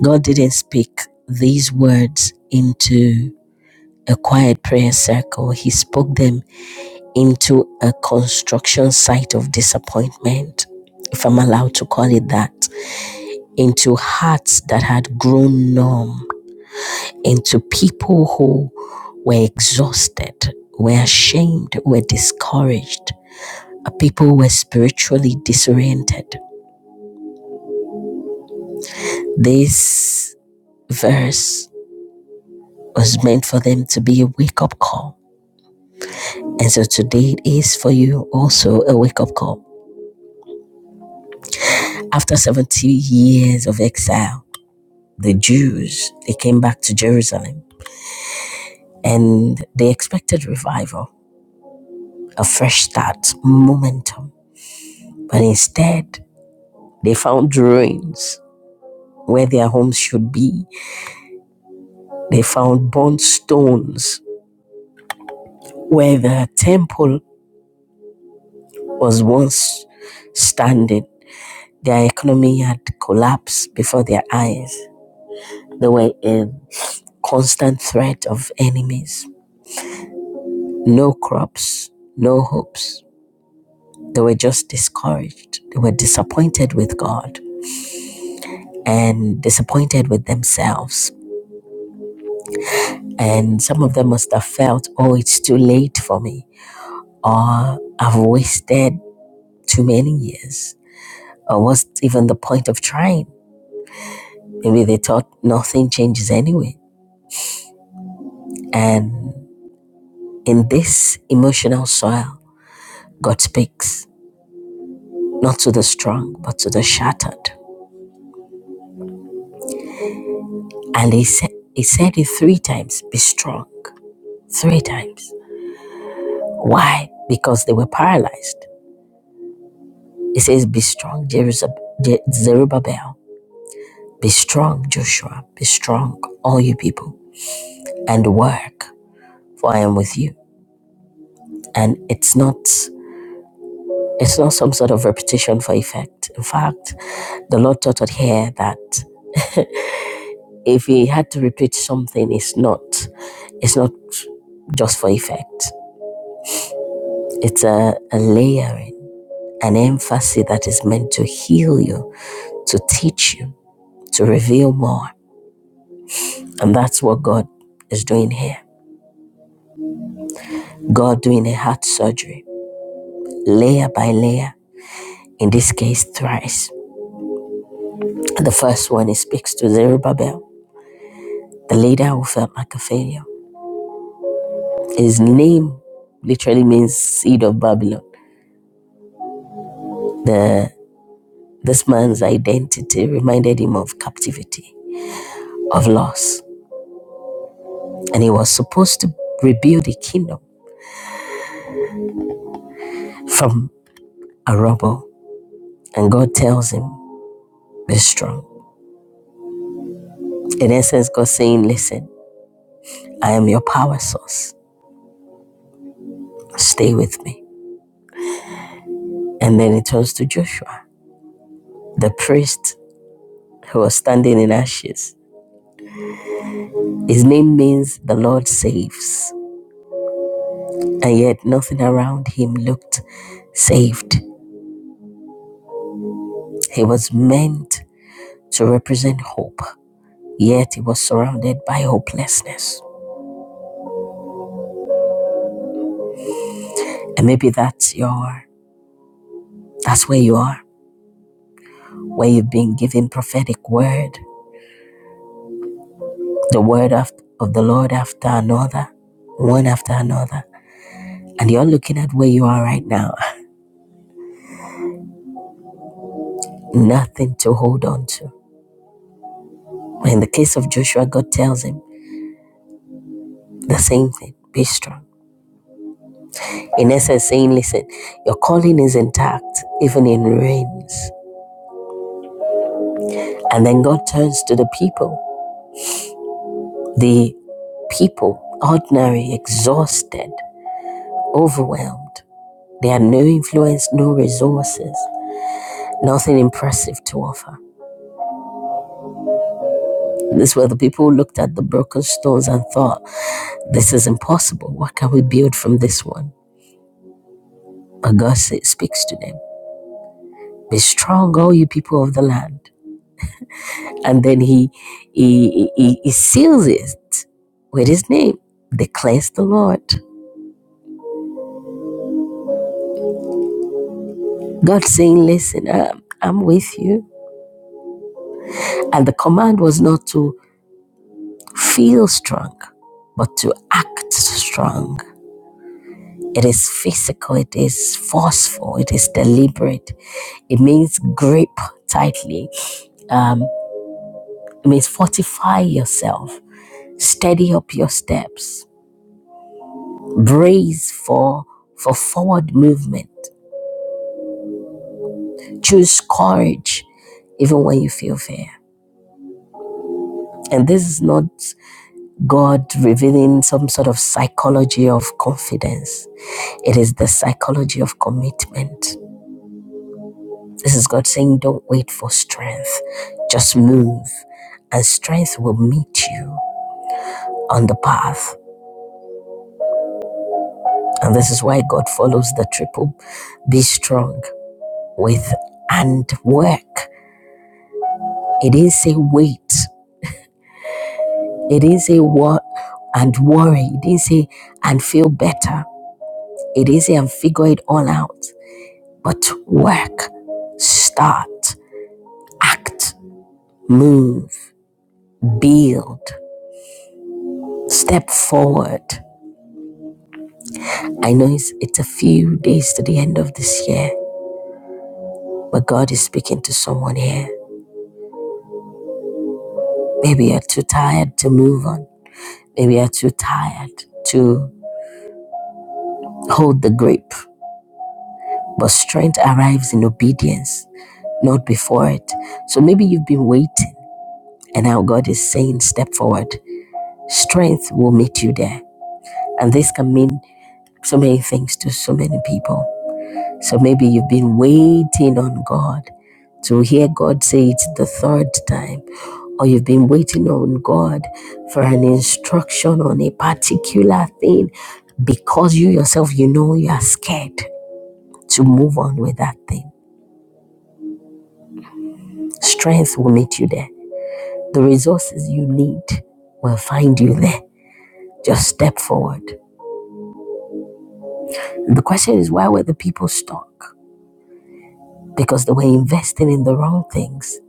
S2: God didn't speak these words into a quiet prayer circle, He spoke them into a construction site of disappointment, if I'm allowed to call it that, into hearts that had grown numb, into people who were exhausted, were ashamed, were discouraged, uh, people were spiritually disoriented. This verse was meant for them to be a wake up call. And so today is for you also a wake up call. After 70 years of exile, the Jews, they came back to Jerusalem and they expected revival, a fresh start, momentum. But instead, they found ruins where their homes should be. They found burnt stones where the temple was once standing. Their economy had collapsed before their eyes. They were in constant threat of enemies. No crops, no hopes They were just discouraged. They were disappointed with God and disappointed with themselves. And some of them must have felt, oh, it's too late for me, or I've wasted too many years, or what's even the point of trying? Maybe they thought nothing changes anyway. And in this emotional soil, God speaks, not to the strong, but to the shattered. And he said, he said it three times be strong, three times. Why? Because they were paralyzed. It says, Be strong, Zerubbabel. Be strong, Joshua. Be strong, all you people, and work, for I am with you. And it's not it's not some sort of repetition for effect. In fact, the Lord taught us here that if he had to repeat something, it's not it's not just for effect. It's a, a layering, an emphasis that is meant to heal you, to teach you, to reveal more. And that's what God is doing here. God doing a heart surgery, layer by layer, in this case, thrice. And the first one, he speaks to Zerubbabel, the leader who felt like a failure. His name literally means seed of Babylon. The, this man's identity reminded him of captivity, of loss. And he was supposed to rebuild a kingdom from a rubble. And God tells him, be strong. In essence, God saying, listen, I am your power source. Stay with me. And then it turns to Joshua, the priest who was standing in ashes. His name means the Lord saves. And yet nothing around him looked saved. He was meant to represent hope, yet he was surrounded by hopelessness. And maybe that's your that's where you are, where you've been given prophetic word, the word of, of the Lord after another, one after another. And you're looking at where you are right now nothing to hold on to. in the case of Joshua, God tells him the same thing be strong. In essence, saying, listen, your calling is intact, even in rains. And then God turns to the people, the people, ordinary, exhausted, overwhelmed. They had no influence, no resources, nothing impressive to offer. This is where the people looked at the broken stones and thought, this is impossible. What can we build from this one? But God speaks to them. Be strong, all you people of the land. And then he he, he, he seals it with his name. Declares the Lord. God saying, Listen, I'm, I'm with you. And the command was not to feel strong, but to act strong. It is physical, it is forceful, it is deliberate. It means grip tightly. Um, it means fortify yourself, steady up your steps. Breathe for for forward movement. Choose courage, even when you feel fear. And this is not God revealing some sort of psychology of confidence. It is the psychology of commitment. This is God saying, "Don't wait for strength; just move, and strength will meet you on the path." And this is why God follows the triple: be strong with and work. It didn't say wait. It didn't say what and worry. It didn't say and feel better. It didn't say and figure it all out. But work, start, act, move, build, step forward. I know it's, it's a few days to the end of this year, but God is speaking to someone here. Maybe you're too tired to move on. Maybe you're too tired to hold the grip. But strength arrives in obedience. not before it. So maybe you've been waiting, and now God is saying, Step forward. Strength will meet you there. And this can mean so many things to so many people. So maybe you've been waiting on God to hear God say it the third time, or you've been waiting on God for an instruction on a particular thing because you yourself, you know, you are scared to move on with that thing. Strength will meet you there. The resources you need will find you there. Just step forward. And the question is, why were the people stuck? Because they were investing in the wrong things.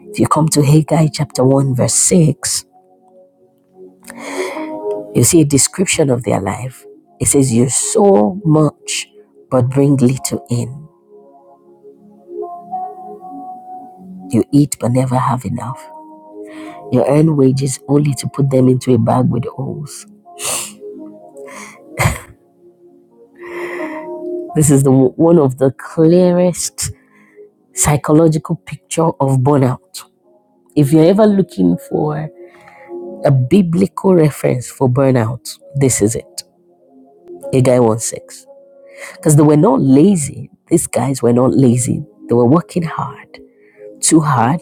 S2: If you come to Haggai chapter 1, verse 6, you see a description of their life. It says, You sow much, but bring little in. You eat, but never have enough. You earn wages only to put them into a bag with holes. This is the, one of the clearest psychological picture of burnout If you're ever looking for a biblical reference for burnout, this is it. A guy won sex. Because they were not lazy. These guys were not lazy. They were working hard, too hard,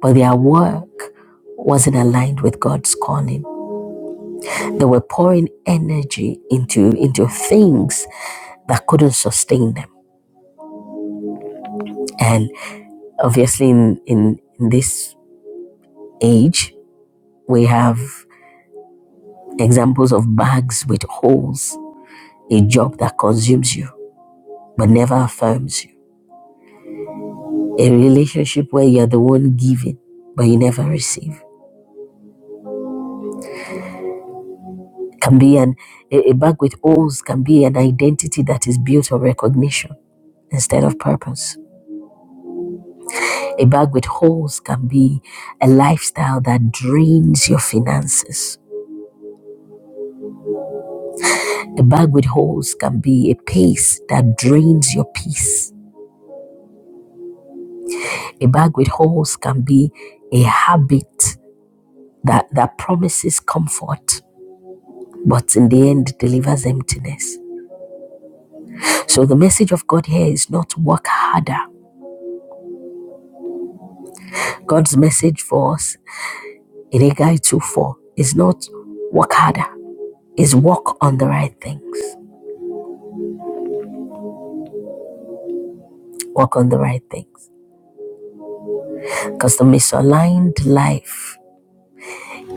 S2: but their work wasn't aligned with God's calling. They were pouring energy into, into things that couldn't sustain them. And obviously, in, in, in this age, we have examples of bags with holes, a job that consumes you but never affirms you. A relationship where you're the one giving, but you never receive. Can be an a, a bag with holes can be an identity that is built on recognition instead of purpose. A bag with holes can be a lifestyle that drains your finances. A bag with holes can be a pace that drains your peace. A bag with holes can be a habit that, that promises comfort, but in the end delivers emptiness. So the message of God here is not work harder. God's message for us in Haggai 2 4 is not work harder, is work on the right things. Work on the right things. Because the misaligned life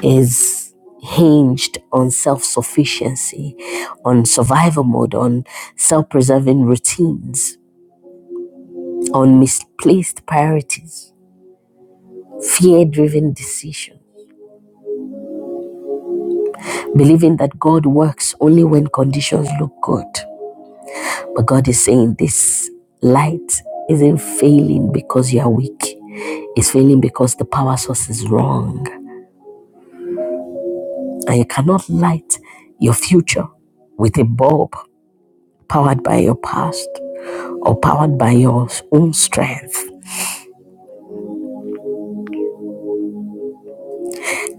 S2: is hinged on self sufficiency, on survival mode, on self preserving routines, on misplaced priorities, fear driven decisions, believing that God works only when conditions look good But God is saying this light isn't failing because you are weak. It's failing because the power source is wrong. And you cannot light your future with a bulb powered by your past or powered by your own strength.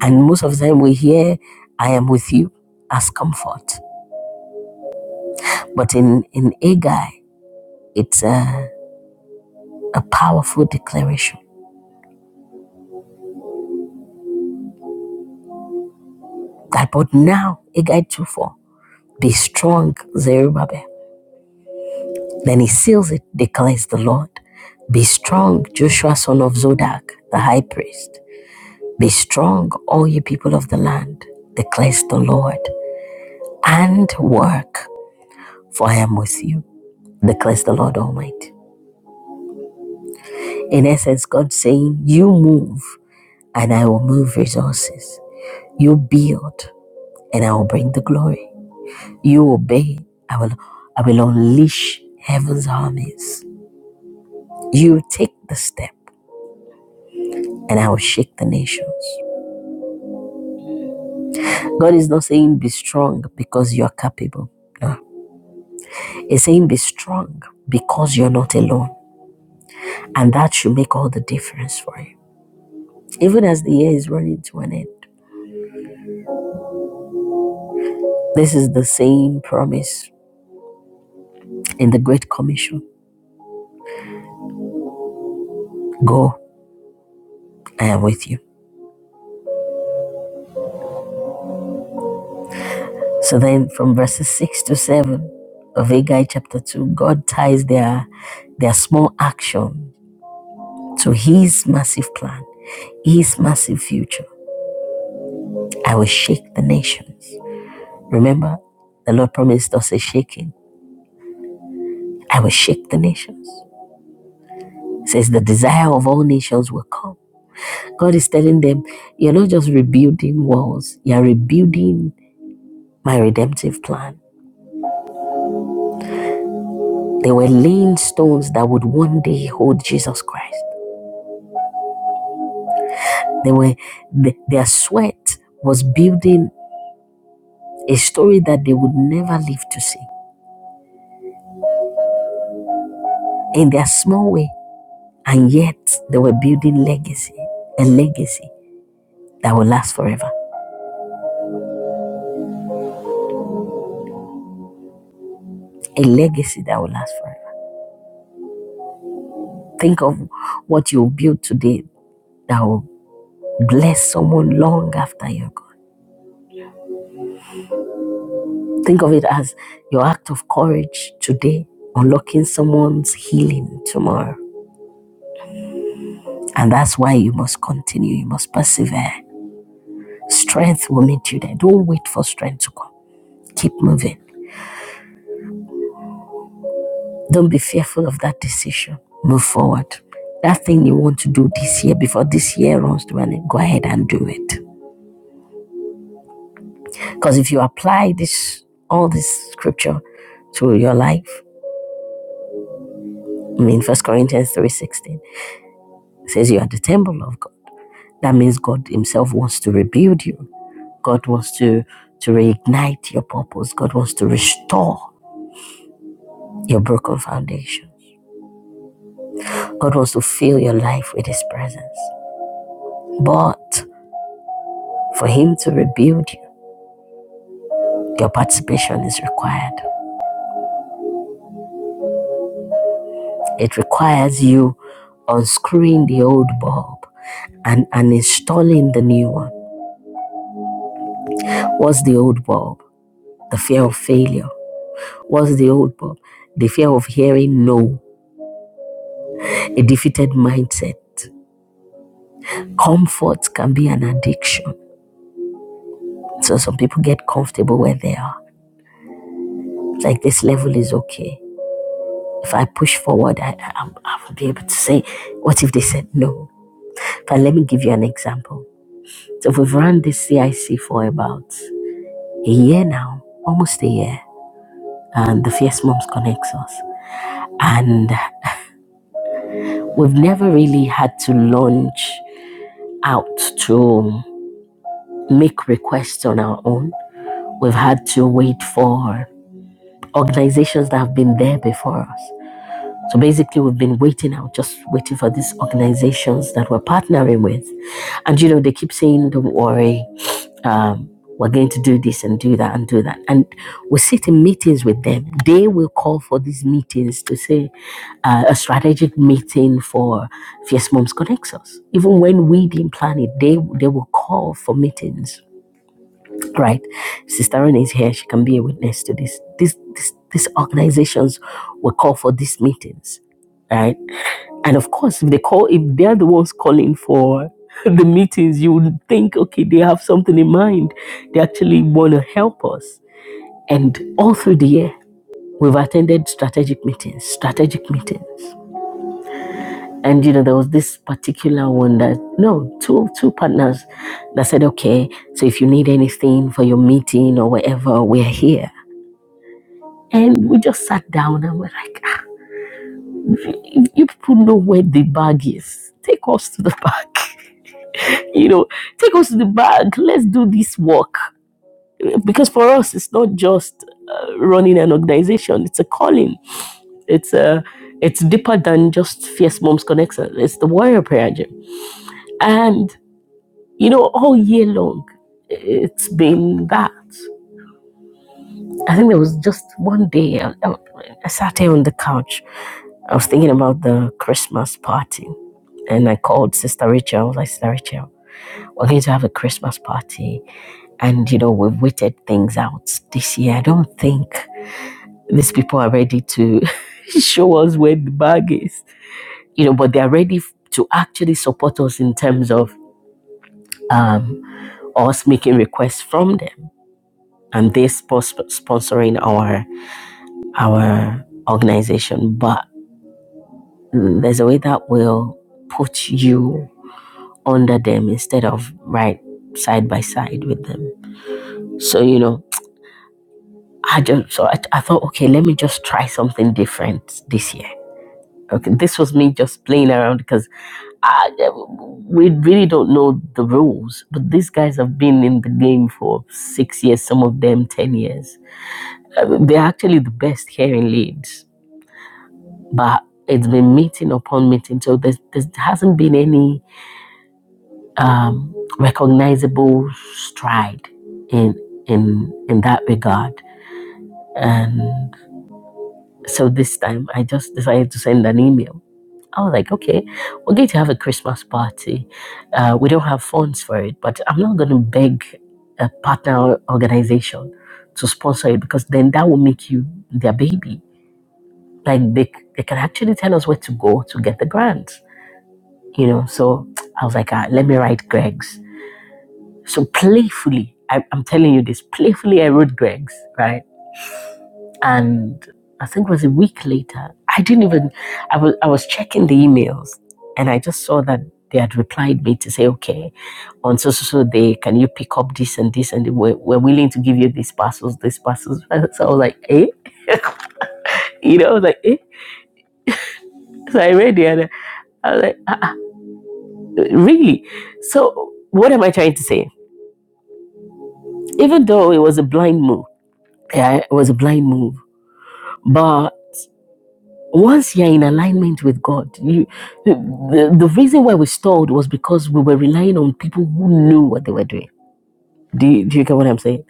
S2: And most of the time we hear, I am with you as comfort. But in, in Agai, it's a, a powerful declaration that, but now, Agai 2 4, be strong, Zerubbabel. Then he seals it, declares the Lord. Be strong, Joshua son of Zodak, the high priest. Be strong, all you people of the land, declares the Lord, and work, for I am with you, declares the Lord Almighty. In essence, God saying, You move, and I will move resources. You build, and I will bring the glory. You obey, I will, I will unleash heaven's armies. You take the step, and I will shake the nations. God is not saying be strong because you're capable. No. He's saying be strong because you're not alone. And that should make all the difference for you. Even as the year is running to an end, this is the same promise in the Great Commission Go, I am with you. So then from verses 6 to 7 of Haggai chapter 2, God ties their, their small action to his massive plan, his massive future. I will shake the nations. Remember, the Lord promised us a shaking. I will shake the nations. It says the desire of all nations will come. God is telling them, you're not just rebuilding walls, you're rebuilding my redemptive plan. They were laying stones that would one day hold Jesus Christ. They were th- their sweat was building a story that they would never live to see in their small way. And yet they were building legacy, a legacy that will last forever. A legacy that will last forever. Think of what you build today that will bless someone long after you're gone. Think of it as your act of courage today, unlocking someone's healing tomorrow. And that's why you must continue, you must persevere. Strength will meet you there. Don't wait for strength to come. Keep moving. Don't be fearful of that decision. Move forward. That thing you want to do this year, before this year runs to an end, go ahead and do it. Because if you apply this all this scripture to your life, I mean First Corinthians 3:16 says you are the temple of God. That means God Himself wants to rebuild you. God wants to to reignite your purpose. God wants to restore your broken foundation. God wants to fill your life with His presence. But for Him to rebuild you, your participation is required. It requires you unscrewing the old bulb and, and installing the new one What's the old Bob? The fear of failure. What's the old Bob? The fear of hearing no, a defeated mindset. Comfort can be an addiction. So some people get comfortable where they are. It's like this level is okay. If I push forward, I, I, i will be able to say, what if they said no? But let me give you an example. So we've run this CIC for about a year now, almost a year, and the Fierce Moms connects us. And we've never really had to launch out to make requests on our own. We've had to wait for organizations that have been there before us. So basically, we've been waiting out, just waiting for these organizations that we're partnering with. And you know, they keep saying, don't worry, um, we're going to do this and do that and do that. And we sit in meetings with them. They will call for these meetings to say uh, a strategic meeting for Fierce Moms Connects Us. Even when we didn't plan it, they, they will call for meetings, right? Sister Renee is here. She can be a witness to this. This, this. These organizations will call for these meetings, right? And of course, if they call, if they're the ones calling for the meetings, you would think, okay, they have something in mind. They actually want to help us. And all through the year, we've attended strategic meetings, strategic meetings. And you know, there was this particular one that no, two two partners that said, okay, so if you need anything for your meeting or whatever, we're here. And we just sat down and we're like, "Ah, you you people know where the bag is. Take us to the bag. you know, take us to the bank. Let's do this work. Because for us, it's not just uh, running an organization; it's a calling. It's a it's deeper than just Fierce Moms Connection. It's the Warrior Prayer Gym, and you know, all year long, it's been that. I think there was just one day I, I I sat here on the couch. I was thinking about the Christmas party, and I called Sister Rachel. I was like, Sister Rachel, we're going to have a Christmas party And, you know, we've waited things out this year. I don't think these people are ready to show us where the bag is, you know, but they're ready to actually support us in terms of um, us making requests from them and they spons- sponsoring our our organization. But there's a way that will put you under them instead of right side by side with them. So you know, I just so I, I thought, okay, let me just try something different this year. Okay, this was me just playing around because I we really don't know the rules, but these guys have been in the game for six years, some of them ten years. I mean, They're actually the best here in Leeds, but it's been meeting upon meeting, so there hasn't been any um, recognizable stride in in in that regard, And So this time I just decided to send an email. I was like, okay, we're going to have a Christmas party. Uh, we don't have funds for it, but I'm not going to beg a partner organization to sponsor it because then that will make you their baby. Like they, they can actually tell us where to go to get the grants, you know. So I was like, ah, let me write Greg's. So playfully, I, I'm telling you this, playfully I wrote Greg's, right? And I think it was a week later, I didn't even, I was, I was checking the emails and I just saw that they had replied me to say, okay, on so, so, so day, can you pick up this and this? And we're, we're willing to give you these parcels, these parcels. So I was like, eh? You know, I was like, eh? So I read the other. I was like, ah, ah, really? So what am I trying to say? Even though it was a blind move, yeah, it was a blind move, but. once you're in alignment with God, you, the, the reason why we stalled was because we were relying on people who knew what they were doing. Do you, do you get what I'm saying?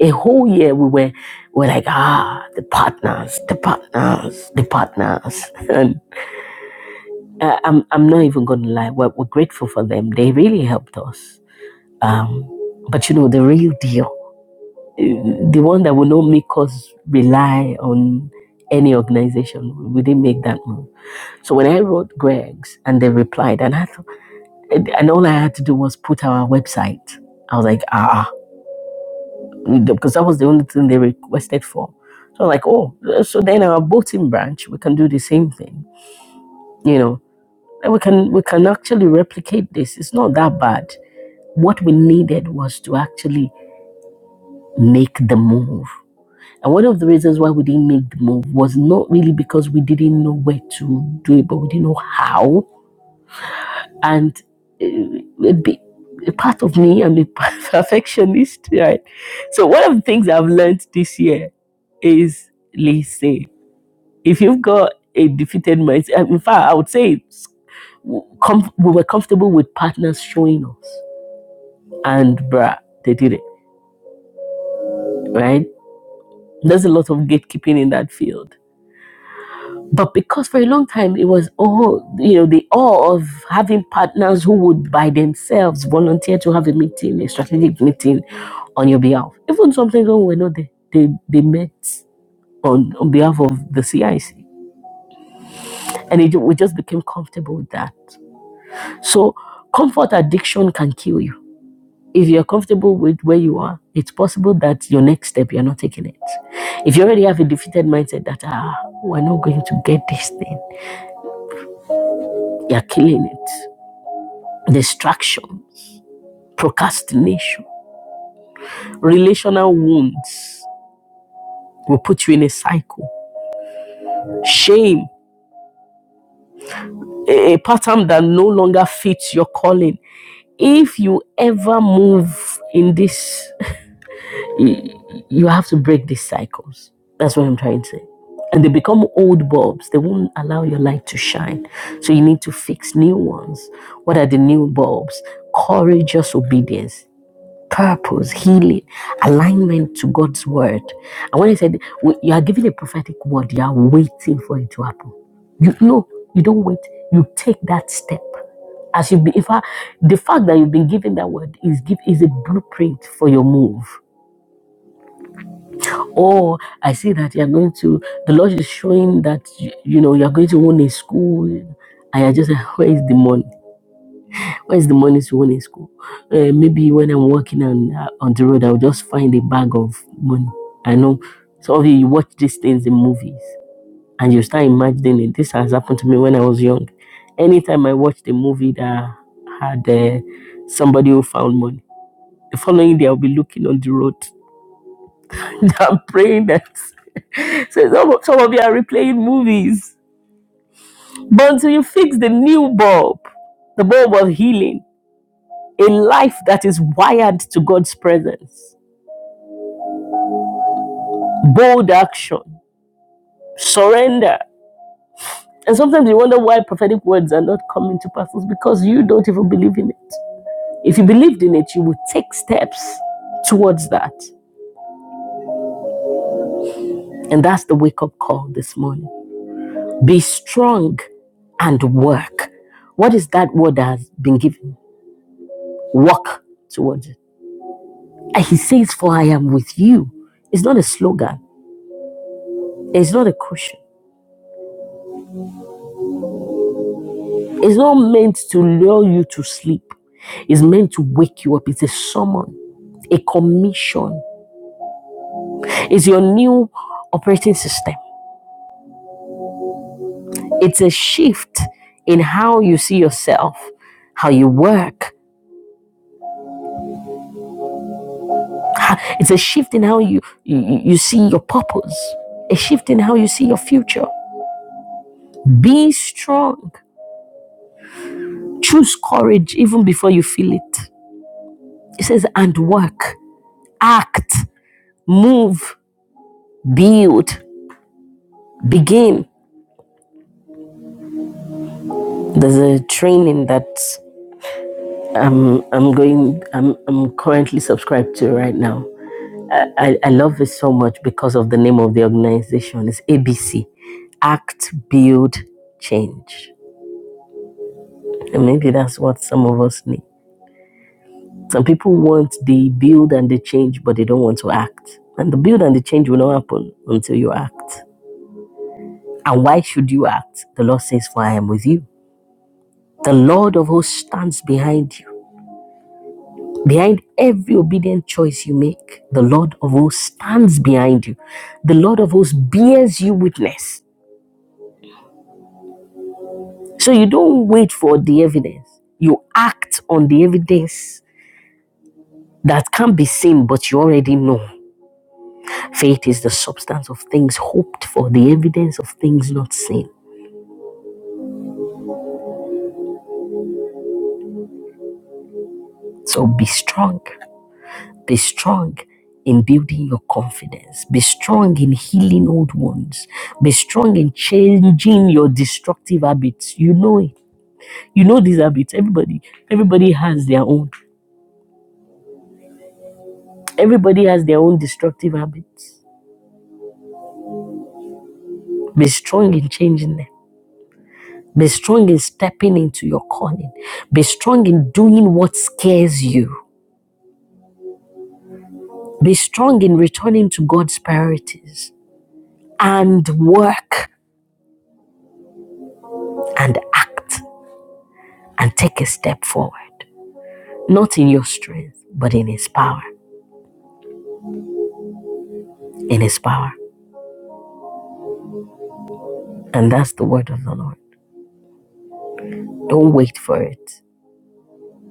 S2: A whole year we were, we were like, ah, the partners, the partners, the partners. And uh, I'm, I'm not even going to lie. We're, we're grateful for them. They really helped us. Um, but you know, the real deal, uh, the one that will not make us rely on any organization, we didn't make that move So when I wrote Greg's and they replied, and I thought, and all I had to do was put our website. I was like, ah, because that was the only thing they requested for. So I'm like, oh, uh, so then our voting branch, we can do the same thing, you know. And we can we can actually replicate this. It's not that bad. What we needed was to actually make the move. And one of the reasons why we didn't make the move was not really because we didn't know where to do it, but we didn't know how and uh, a, a part of me, I'm a perfectionist, right? So one of the things I've learned this year is listen. If you've got a defeated mindset, in fact, I would say it's com- we were comfortable with partners showing us, and bruh, they did it, right? There's a lot of gatekeeping in that field But because for a long time it was oh you know the awe of having partners who would by themselves volunteer to have a meeting, a strategic meeting on your behalf. Even sometimes when we were not they, they met on, on behalf of the CIC. And it, we just became comfortable with that. So comfort addiction can kill you. If you're comfortable with where you are, it's possible that your next step you're not taking it. If you already have a defeated mindset that ah we're not going to get this thing, you're killing it. distraction, procrastination, relational wounds will put you in a cycle. Shame, a, a pattern that no longer fits your calling. If you ever move in this, you have to break these cycles. That's what I'm trying to say. And they become old bulbs. They won't allow your light to shine. So you need to fix new ones. What are the new bulbs? Courageous obedience. purpose, healing, alignment to God's word. And when I said you are given a prophetic word, you are waiting for it to happen. You know, you don't wait. You take that step. As you be, if I, the fact that you've been given that word is give is a blueprint for your move. Or I see that you are going to. The Lord is showing that you, you know you are going to own a school, and you're just like, where is the money? Where's the money to win in school? Uh, maybe when I'm walking on uh, on the road, I'll just find a bag of money. I know some of you, you watch these things in movies and you start imagining it. This has happened to me when I was young. Anytime I watched a movie that had uh, somebody who found money, the following day I'll be looking on the road. I'm praying that. so some of, some of you are replaying movies, but until you fix the new bulb, the bulb of healing a life that is wired to God's presence, bold action, surrender. And sometimes you wonder why prophetic words are not coming to pass because you don't even believe in it. If you believed in it, you would take steps towards that. And that's the wake up call this morning. Be strong and work. What is that word that has been given? Work towards it. And he says, For I am with you. It's not a slogan, it's not a cushion. It's not meant to lure you to sleep. It's meant to wake you up. It's a summon, a commission. It's your new operating system. It's a shift in how you see yourself, how you work. It's a shift in how you, you you see your purpose, a shift in how you see your future. Be strong. Choose courage even before you feel it. It says, and work, act, move, build, begin. There's a training that I'm I'm going I'm I'm currently subscribed to right now. I, I love it so much because of the name of the organization. It's ABC. Act, build, change. And maybe that's what some of us need. Some people want the build and the change, but they don't want to act. And the build and the change will not happen until you act. And why should you act? The Lord says, For I am with you. The Lord of hosts stands behind you Behind every obedient choice you make, the Lord of hosts stands behind you. The Lord of hosts bears you witness. So you don't wait for the evidence, you act on the evidence that can't be seen, but you already know. Faith is the substance of things hoped for, the evidence of things not seen. So be strong. Be strong in building your confidence. Be strong in healing old wounds. Be strong in changing your destructive habits. You know it. You know these habits. Everybody, everybody has their own. Everybody has their own destructive habits. Be strong in changing them. Be strong in stepping into your calling. Be strong in doing what scares you. Be strong in returning to God's priorities and work and act and take a step forward. Not in your strength, but in His power. In His power. And that's the word of the Lord. Don't wait for it.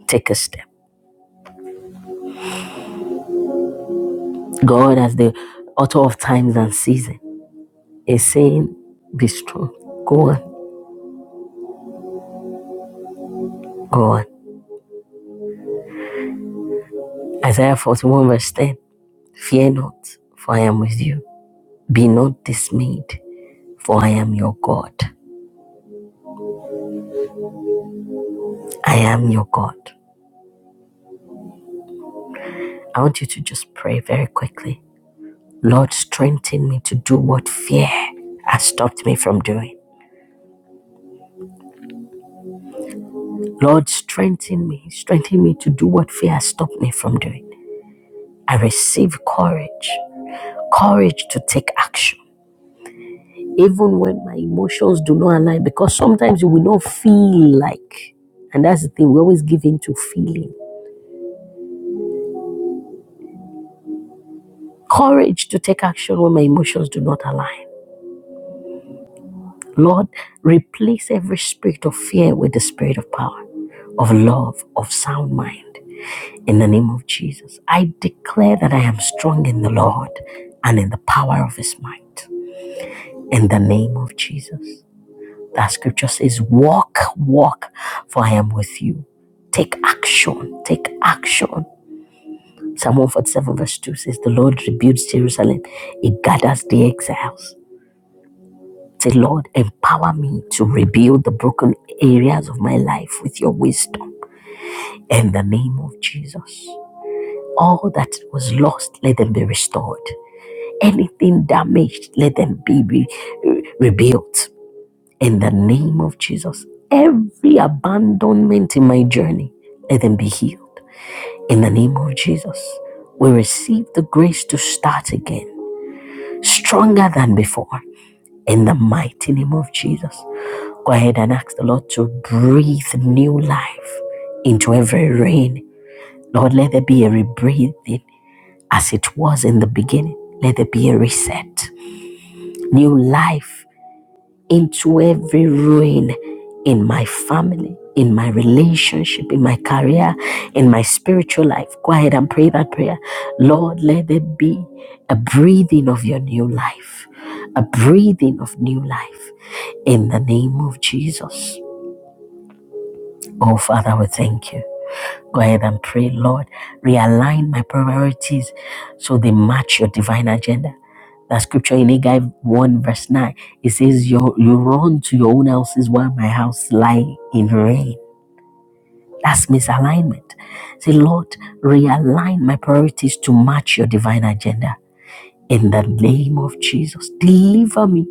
S2: Take a step. God, as the author of times and season, is saying, Be strong. Go on, go on. Isaiah 41, verse 10 Fear not, for I am with you. Be not dismayed, for I am your God. I am your God. I want you to just pray very quickly. Lord, strengthen me to do what fear has stopped me from doing. Lord, strengthen me, strengthen me to do what fear has stopped me from doing. I receive courage, courage to take action even when my emotions do not align, because sometimes you will not feel like, and that's the thing, we always give in to feeling. Courage to take action when my emotions do not align. Lord, replace every spirit of fear with the spirit of power, of love, of sound mind. In the name of Jesus, I declare that I am strong in the Lord and in the power of his might. In the name of Jesus. That scripture says, Walk, walk, for I am with you. Take action, take action. Psalm 147, verse 2 says, The Lord rebuilds Jerusalem, He gathers the exiles. Say, Lord, empower me to rebuild the broken areas of my life with your wisdom in the name of Jesus. All that was lost, let them be restored. Anything damaged, let them be re- rebuilt. In the name of Jesus, every abandonment in my journey, let them be healed. In the name of Jesus, we receive the grace to start again, stronger than before. In the mighty name of Jesus, go ahead and ask the Lord to breathe new life into every rain. Lord, let there be a rebreathing as it was in the beginning. Let there be a reset, new life into every ruin in my family, in my relationship, in my career, in my spiritual life. Go ahead and pray that prayer. Lord, let there be a breathing of your new life, a breathing of new life in the name of Jesus. Oh, Father, we thank you. Go ahead and pray, Lord, realign my priorities so they match your divine agenda. That scripture in Haggai 1 verse 9, it says, you, you run to your own houses while my house lie in ruin. That's misalignment. Say, Lord, realign my priorities to match your divine agenda. In the name of Jesus, deliver me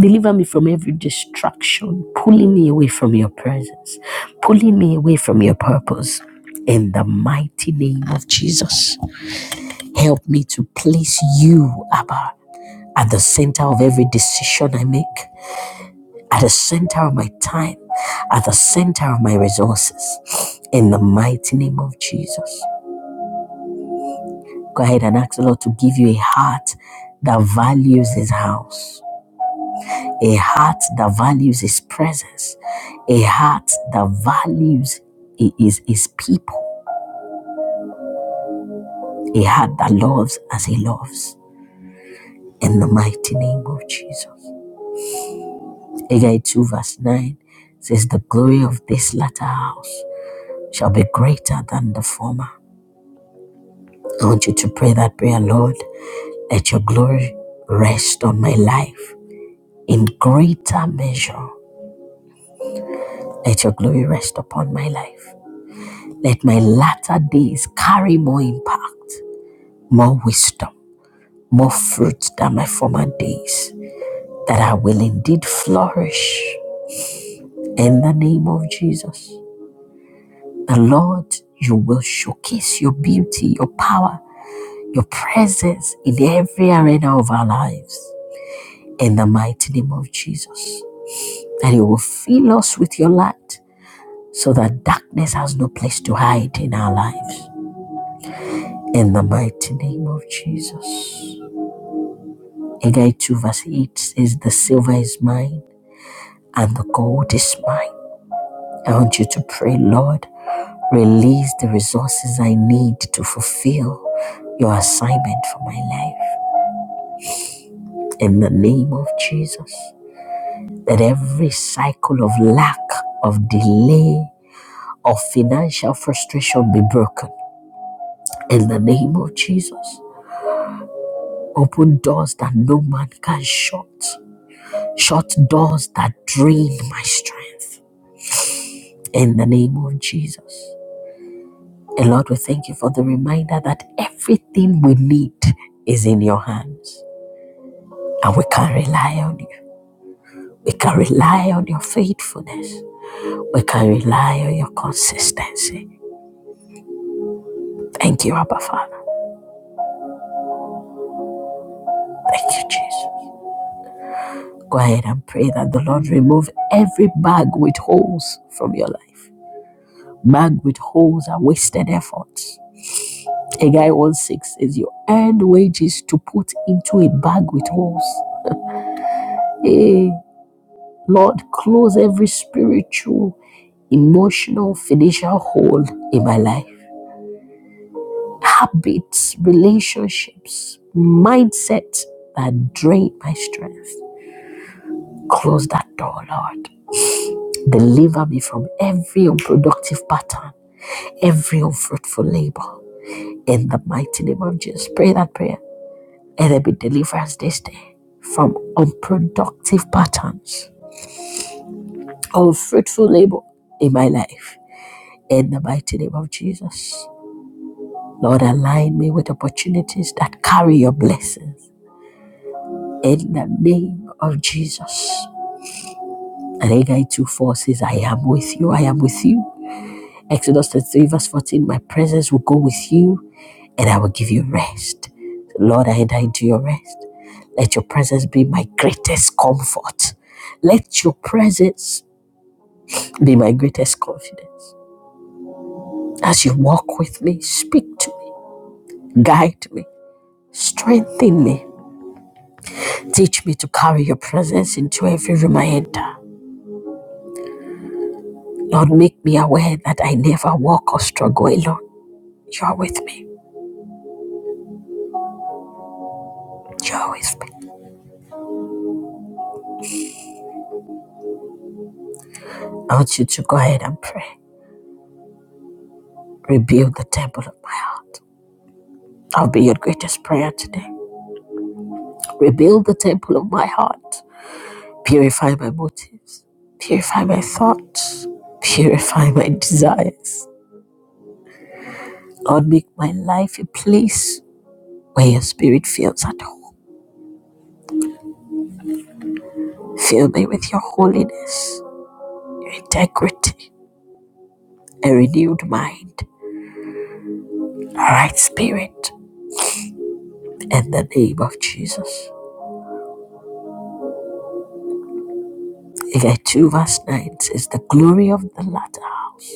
S2: Deliver me from every distraction, pulling me away from your presence, pulling me away from your purpose. In the mighty name of Jesus, help me to place you, Abba, at the center of every decision I make, at the center of my time, at the center of my resources. In the mighty name of Jesus, go ahead and ask the Lord to give you a heart that values His house a heart that values his presence, a heart that values his, his people, a heart that loves as he loves. In the mighty name of Jesus. Haggai 2 verse 9 says, The glory of this latter house shall be greater than the former. I want you to pray that prayer, Lord. Let your glory rest on my life in greater measure. Let your glory rest upon my life. Let my latter days carry more impact. more wisdom, more fruits than my former days, that I will indeed flourish in the name of Jesus. The Lord, you will showcase your beauty, your power, your presence in every arena of our lives in the mighty name of Jesus. And you will fill us with your light so that darkness has no place to hide in our lives in the mighty name of Jesus. Haggai 2 verse 8 says, The silver is mine and the gold is mine. I want you to pray, Lord, release the resources I need to fulfill your assignment for my life. In the name of Jesus, that every cycle of lack, of delay, of financial frustration be broken. In the name of Jesus, open doors that no man can shut, shut doors that drain my strength. In the name of Jesus. And Lord, we thank you for the reminder that everything we need is in your hands. And we can rely on you. We can rely on your faithfulness. We can rely on your consistency. Thank you, Abba Father. Thank you, Jesus. Go ahead and pray that the Lord remove every bag with holes from your life. Bag with holes are wasted efforts. Haggai 1 6 says, You earned wages to put into a bag with holes. Hey. Lord, close every spiritual, emotional, financial hole in my life. Habits, relationships, mindsets that drain my strength. Close that door, Lord. Deliver me from every unproductive pattern, every unfruitful labor. In the mighty name of Jesus, pray that prayer. And there be deliverance this day from unproductive patterns, unfruitful labor in my life. In the mighty name of Jesus. Lord, align me with opportunities that carry your blessings. In the name of Jesus. And Haggai 2 4 says, I am with you, I am with you. Exodus 33, verse 14, my presence will go with you and I will give you rest. Lord, I enter into your rest. Let your presence be my greatest comfort. Let your presence be my greatest confidence. As you walk with me, speak to me, guide me, strengthen me. Teach me to carry your presence into every room I enter. Lord, make me aware that I never walk or struggle alone. You are with me. You are with me. I want you to go ahead and pray. Rebuild the temple of my heart. I'll be your greatest prayer today. Rebuild the temple of my heart. Purify my motives. Purify my thoughts. Purify my desires. Lord, make my life a place where your spirit feels at home. Fill me with your holiness, your integrity a renewed mind, a right spirit in the name of Jesus. Haggai 2 verse 9 says, The glory of the latter house,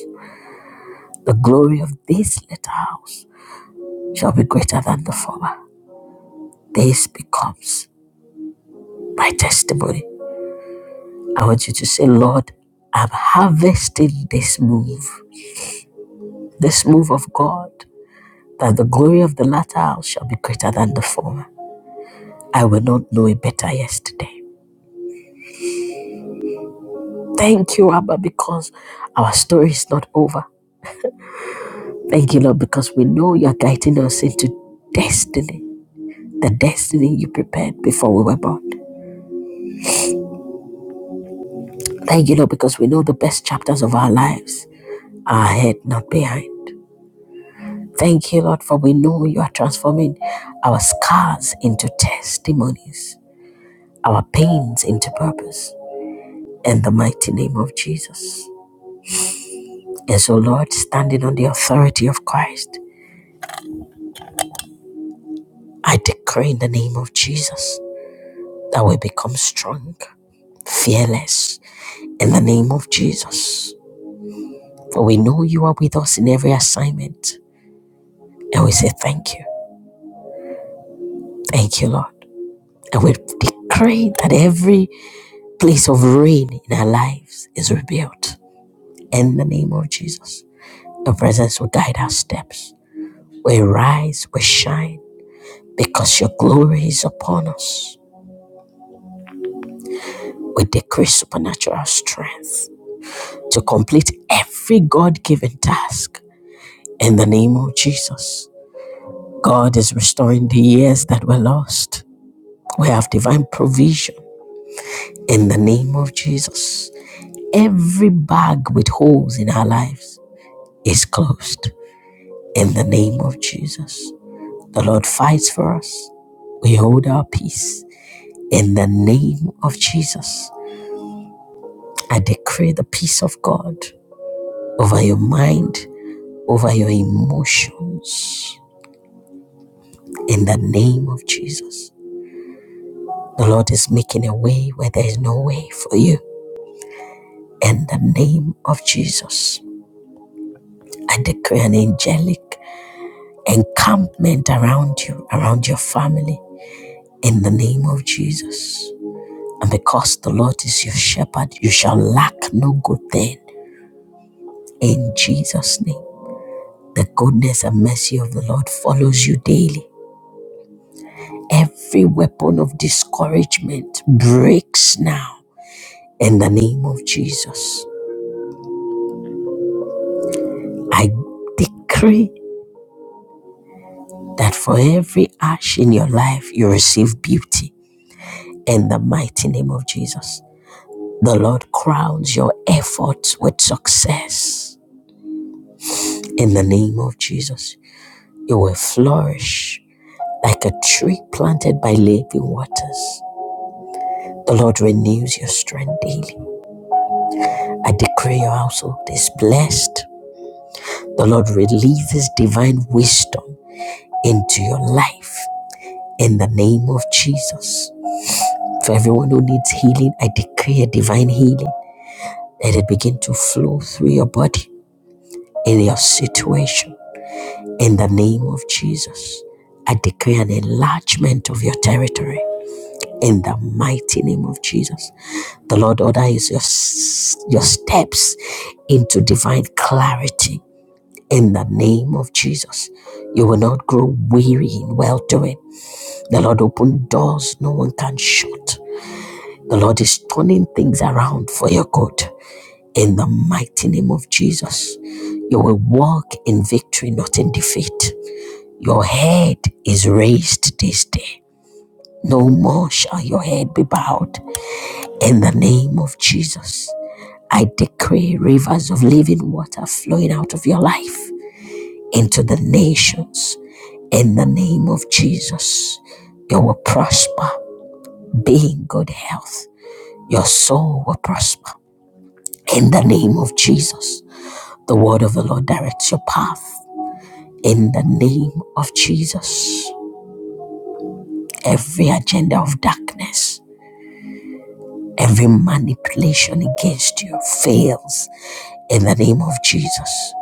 S2: the glory of this latter house shall be greater than the former. This becomes my testimony. I want you to say, Lord, I'm harvesting this move, this move of God, that the glory of the latter house shall be greater than the former. I will not know it better yesterday. Thank you, Abba, because our story is not over. Thank you, Lord, because we know you're guiding us into destiny, the destiny you prepared before we were born. Thank you, Lord, because we know the best chapters of our lives are ahead, not behind. Thank you, Lord, for we know you are transforming our scars into testimonies, our pains into purpose, in the mighty name of Jesus. And so, Lord, standing on the authority of Christ, I decree in the name of Jesus that we become strong, fearless, in the name of Jesus. For we know you are with us in every assignment. And we say thank you. Thank you, Lord. And we decree that every place of rain in our lives is rebuilt in the name of Jesus. Your presence will guide our steps. We rise, we shine, because your glory is upon us. We decrease supernatural strength to complete every God given task in the name of Jesus. God is restoring the years that were lost. We have divine provision in the name of Jesus. Every bag with holes in our lives is closed in the name of Jesus. The Lord fights for us. We hold our peace in the name of Jesus. I decree the peace of God over your mind, over your emotions in the name of Jesus. The Lord is making a way where there is no way for you. in the name of Jesus. I declare an angelic encampment around you, around your family, in the name of Jesus. And because the Lord is your shepherd, you shall lack no good thing in Jesus' name. The goodness and mercy of the Lord follows you daily. Every weapon of discouragement breaks now in the name of Jesus. I decree that for every ash in your life, you receive beauty in the mighty name of Jesus. The Lord crowns your efforts with success in the name of Jesus. You will flourish like a tree planted by living waters. The Lord renews your strength daily. I decree your household is blessed. The Lord releases divine wisdom into your life in the name of Jesus. For everyone who needs healing, I declare divine healing. Let it begin to flow through your body in your situation. In the name of Jesus, I declare an enlargement of your territory. In the mighty name of Jesus, the Lord orders your, your steps into divine clarity. In the name of Jesus, you will not grow weary in well doing. The Lord opened doors no one can shut. The Lord is turning things around for your good. In the mighty name of Jesus, you will walk in victory, not in defeat. Your head is raised this day. No more shall your head be bowed. In the name of Jesus, I decree rivers of living water flowing out of your life into the nations. In the name of Jesus, you will prosper, be in good health. Your soul will prosper. In the name of Jesus, the word of the Lord directs your path. In the name of Jesus, every agenda of darkness Every manipulation against you fails in the name of Jesus.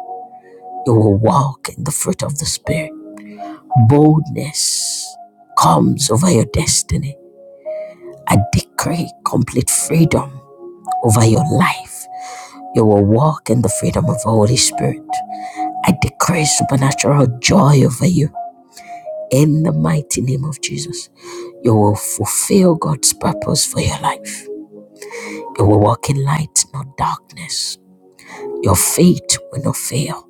S2: You will walk in the fruit of the Spirit. Boldness comes over your destiny. I decree complete freedom over your life. You will walk in the freedom of the Holy Spirit. I decree supernatural joy over you in the mighty name of Jesus. You will fulfill God's purpose for your life. You will walk in light, not darkness. Your faith will not fail.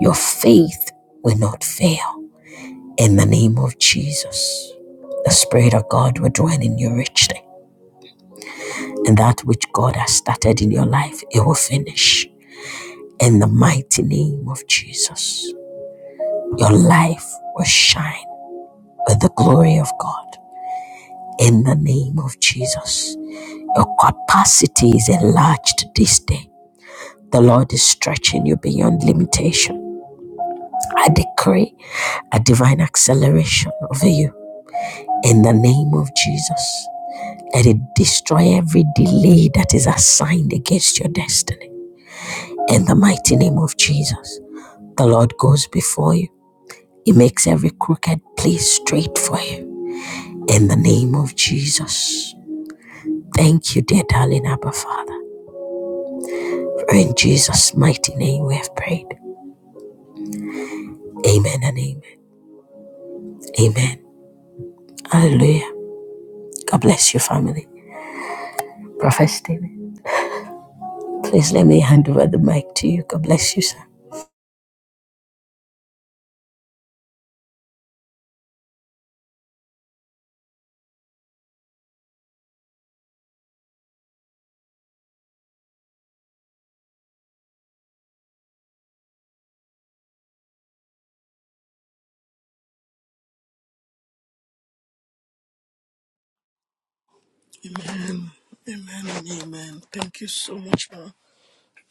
S2: Your faith will not fail. In the name of Jesus, the Spirit of God will dwell in you richly. And that which God has started in your life, it will finish. In the mighty name of Jesus, your life will shine with the glory of God. In the name of Jesus, your capacity is enlarged this day. The Lord is stretching you beyond limitation. I decree a divine acceleration over you in the name of Jesus. Let it destroy every delay that is assigned against your destiny in the mighty name of Jesus. The Lord goes before you, He makes every crooked place straight for you in the name of Jesus. Thank you, dear darling Abba Father. For in Jesus' mighty name we have prayed. Amen and amen. Amen. Hallelujah. God bless your family. Prophet David. Please let me hand over the mic to you. God bless you, sir.
S3: Amen. Amen and amen. Thank you so much, ma,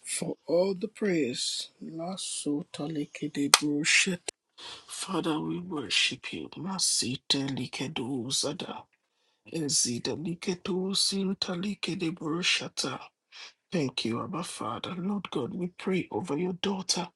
S3: for all the prayers. Lasota likede broshet. Father, we worship you. Masita likedu likedozada. Ezida likedozinta likede broshata. Thank you, Abba Father. Lord God, we pray over your daughter.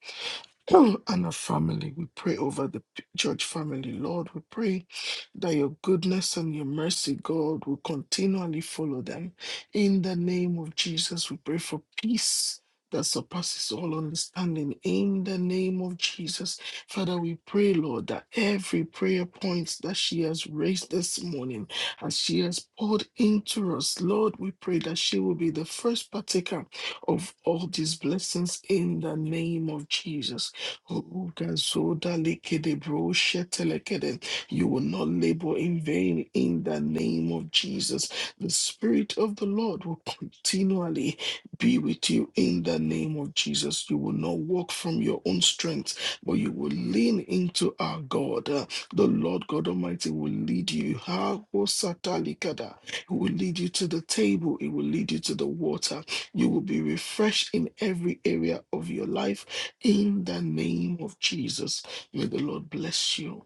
S3: and our family. We pray over the p- church family, Lord. We pray that your goodness and your mercy, God, will continually follow them. In the name of Jesus, we pray for peace. That surpasses all understanding in the name of Jesus. Father, we pray, Lord, that every prayer point that she has raised this morning, as she has poured into us, Lord, we pray that she will be the first partaker of all these blessings in the name of Jesus. Oh, Gazoda likede bro shetelekede. You will not labor in vain in the name of Jesus. The Spirit of the Lord will continually be with you in the name of Jesus. You will not walk from your own strength, but you will lean into our God. Uh, The Lord God Almighty will lead you. Ha, ho, likada. He will lead you to the table, He will lead you to the water. You will be refreshed in every area of your life in the name of Jesus, may the Lord bless you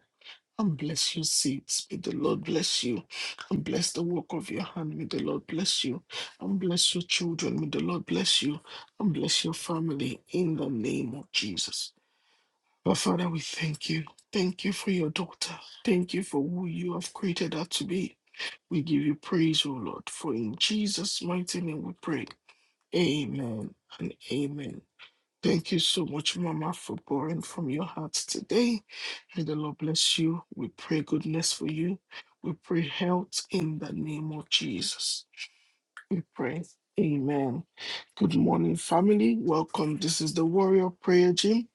S3: and bless your seeds. May the Lord bless you and bless the work of your hand. May the Lord bless you and bless your children. May the Lord bless you and bless your family in the name of Jesus. But Father, we thank you. Thank you for your daughter. Thank you for who you have created her to be. We give you praise, O Lord, for in Jesus' mighty name we pray. Amen and amen. Thank you so much, Mama, for pouring from your heart today. May the Lord bless you. We pray goodness for you. We pray health in the name of Jesus. We pray. Amen. Good morning, family. Welcome. This is the Warrior Prayer Gym.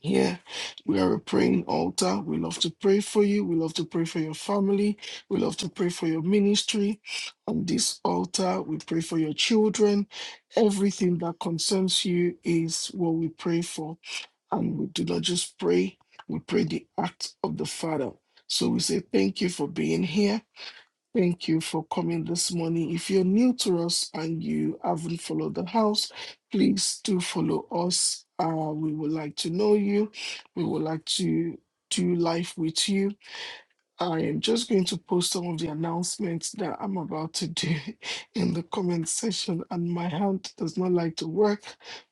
S3: Here we are a praying altar. We love to pray for you. We love to pray for your family. We love to pray for your ministry. On this altar, we pray for your children. Everything that concerns you is what we pray for. And we do not just pray, we pray the act of the Father. So we say, Thank you for being here. Thank you for coming this morning. If you're new to us and you haven't followed the house, please do follow us. Uh, we would like to know you. We would like to do life with you. I am just going to post some of the announcements that I'm about to do in the comment section, and my hand does not like to work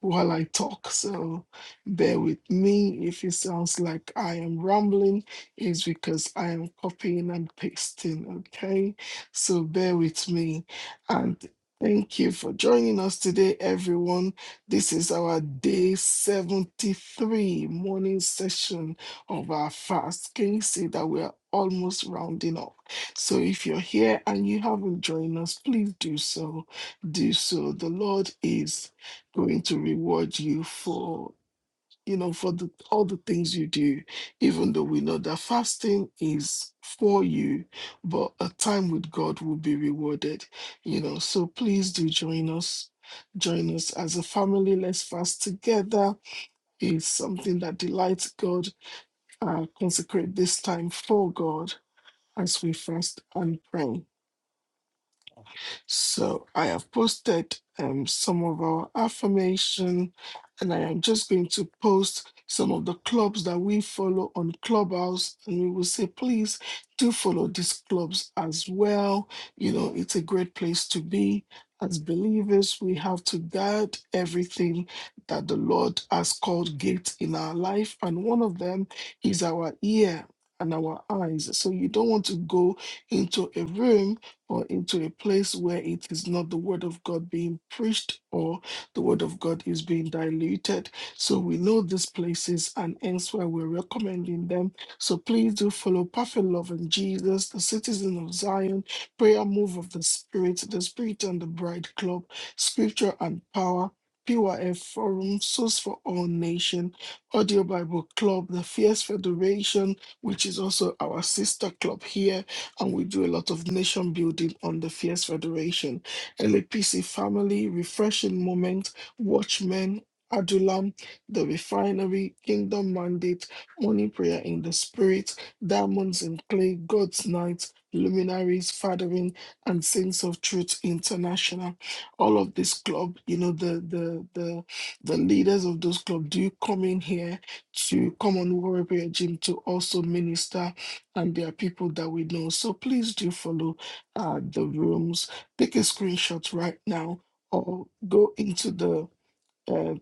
S3: while I talk. So bear with me. If it sounds like I am rambling, it's because I am copying and pasting. Okay. So bear with me. And thank you for joining us today, everyone. This is our day 73 morning session of our fast. Can you see that we are almost rounding up? So if you're here and you haven't joined us, please do so. Do so. The Lord is going to reward you for you know for the, all the things you do even though we know that fasting is for you but a time with god will be rewarded you know so please do join us join us as a family let's fast together it's something that delights god uh, consecrate this time for God as we fast and pray. So I have posted um, some of our affirmation, and I am just going to post some of the clubs that we follow on Clubhouse, and we will say, please do follow these clubs as well. You know, it's a great place to be. As believers, we have to guard everything that the Lord has called gates in our life, and one of them is our ear and our eyes. So you don't want to go into a room or into a place where it is not the word of God being preached or the word of God is being diluted. So we know these places and hence why we're recommending them. So please do follow Perfect Love and Jesus, the Citizen of Zion, Prayer Move of the Spirit, the Spirit and the Bride Club, Scripture and Power. PYF Forum, Source for All Nation, Audio Bible Club, the Fierce Federation, which is also our sister club here, and we do a lot of nation building on the Fierce Federation, LAPC family, refreshing moment, watchmen, Adulam, the refinery, kingdom mandate, morning prayer in the spirit, diamonds in clay, God's night, luminaries, fathering, and saints of truth international. All of this club, you know, the the the the leaders of those club do come in here to come on Warrior Prayer Gym to also minister and there are people that we know. So please do follow uh, the rooms. Take a screenshot right now or go into the uh,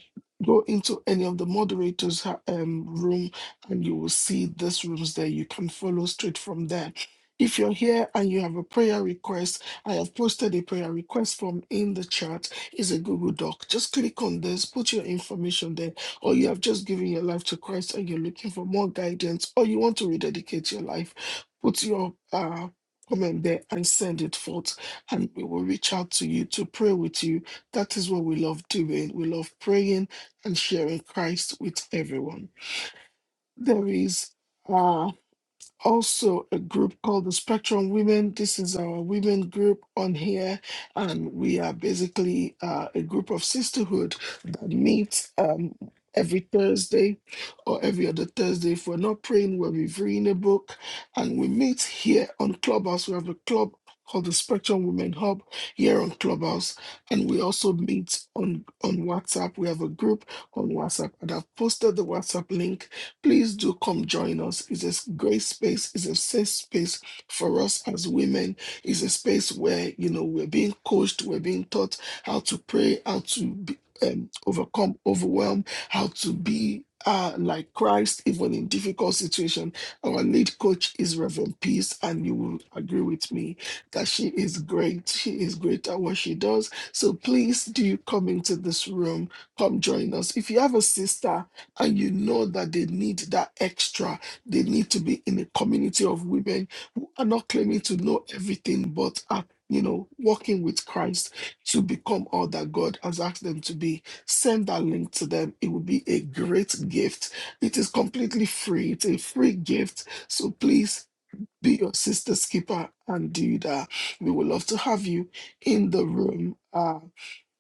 S3: go into any of the moderators ha- um, room and you will see this rooms there you can follow straight from there if you're here and you have a prayer request i have posted a prayer request form in the chat it's a google doc just click on this put your information there or you have just given your life to christ and you're looking for more guidance or you want to rededicate your life put your uh, comment there and send it forth and we will reach out to you to pray with you that is what we love doing. We love praying and sharing Christ with everyone. There is uh, also a group called the Spectrum Women. This is our women group on here, and we are basically uh, a group of sisterhood that meets um, every Thursday or every other Thursday. If we're not praying, we're reviewing a book, and we meet here on Clubhouse. We have a club called the Spectrum Women Hub here on Clubhouse, and we also meet on on WhatsApp. We have a group on WhatsApp, and I've posted the WhatsApp link Please do come join us. It's a great space. It's a safe space for us as women. It's a space where, you know, we're being coached, we're being taught how to pray, how to be, um, overcome, overwhelm, how to be uh, like Christ, even in difficult situation. Our lead coach is Reverend Peace, and you will agree with me that she is great. She is great at what she does. So please do come into this room. Come join us. If you have a sister and you know that they need that extra. They need to be in a community of women who are not claiming to know everything, but are, you know, walking with Christ to become all that God has asked them to be. Send that link to them. It will be a great gift. It is completely free. It's a free gift. So please be your sister's keeper and do that. We would love to have you in the room. Uh,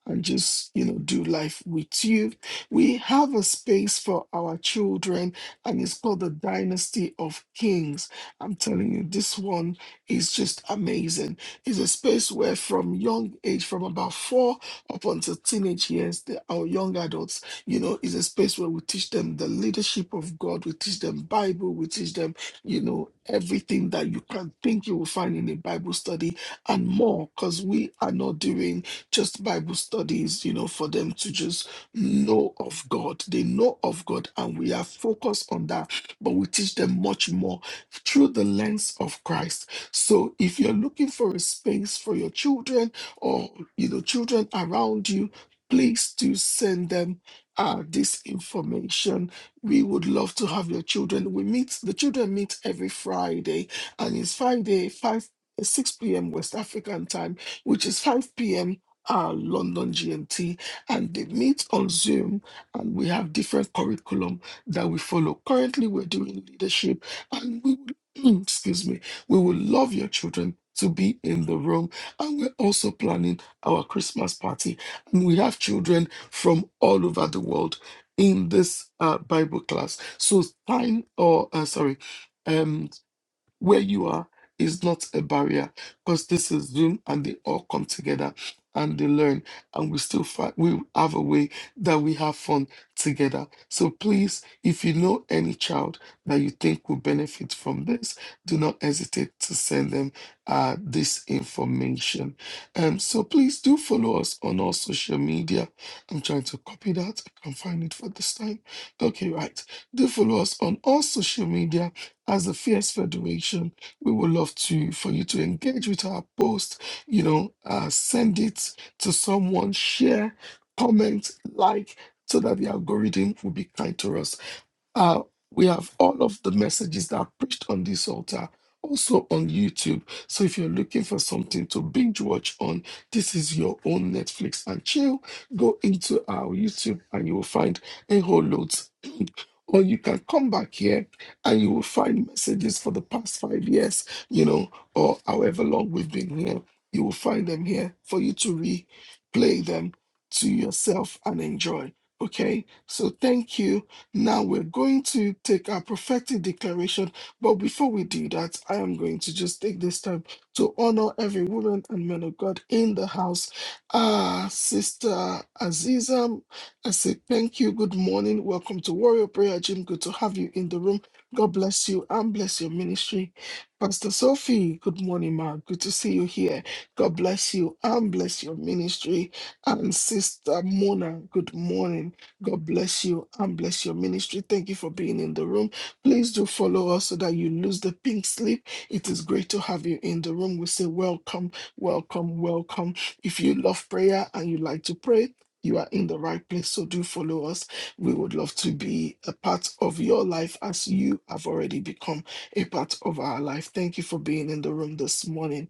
S3: and just you know do life with you we have a space for our children and it's called the dynasty of kings i'm telling you this one is just amazing it's a space where from young age from about four up until teenage years the, our young adults you know is a space where we teach them the leadership of god we teach them bible we teach them you know everything that you can think you will find in a bible study and more because we are not doing just Bible studies, you know, for them to just know of God. They know of God, and we are focused on that, but we teach them much more through the lens of Christ. So if you're looking for a space for your children or, you know, children around you, please do send them. Uh, this information we would love to have your children we meet the children meet every friday and it's friday 5 6 p.m west african time which is 5 p.m uh, London GMT, and they meet on Zoom, and we have different curriculum that we follow. Currently, we're doing leadership, and we would, excuse me, we would love your children to be in the room, and we're also planning our Christmas party, and we have children from all over the world in this uh, Bible class. So sign or uh, sorry. um where you are is not a barrier because this is Zoom and they all come together and they learn and we still find we have a way that we have fun together. So please, if you know any child that you think will benefit from this, do not hesitate to send them uh, this information. Um, so please do follow us on all social media. I'm trying to copy that. I can't find it for this time. Okay, right. Do follow us on all social media as the Fierce Federation, we would love to for you to engage with our post. You know, uh, send it to someone, share, comment, like, so that the algorithm will be kind to us. Uh, we have all of the messages that are preached on this altar. Also on YouTube. So if you're looking for something to binge watch on, this is your own Netflix and chill. Go into our YouTube and you will find a whole load or you can come back here and you will find messages for the past five years, you know, or however long we've been here. You will find them here for you to replay them to yourself and enjoy. Okay, so thank you. Now we're going to take our prophetic declaration. But before we do that, I am going to just take this time to honor every woman and man of God in the house. Ah, Sister Aziza I say thank you. Good morning. Welcome to Warrior Prayer Gym. Good to have you in the room. God bless you and bless your ministry. Pastor Sophie, good morning, ma. Good to see you here. God bless you and bless your ministry. And Sister Mona, good morning. God bless you and bless your ministry. Thank you for being in the room. Please do follow us so that you lose the pink slip. It is great to have you in the room. We say welcome, welcome, welcome. If you love prayer and you like to pray, you are in the right place. So do follow us. We would love to be a part of your life as you have already become a part of our life. Thank you for being in the room this morning.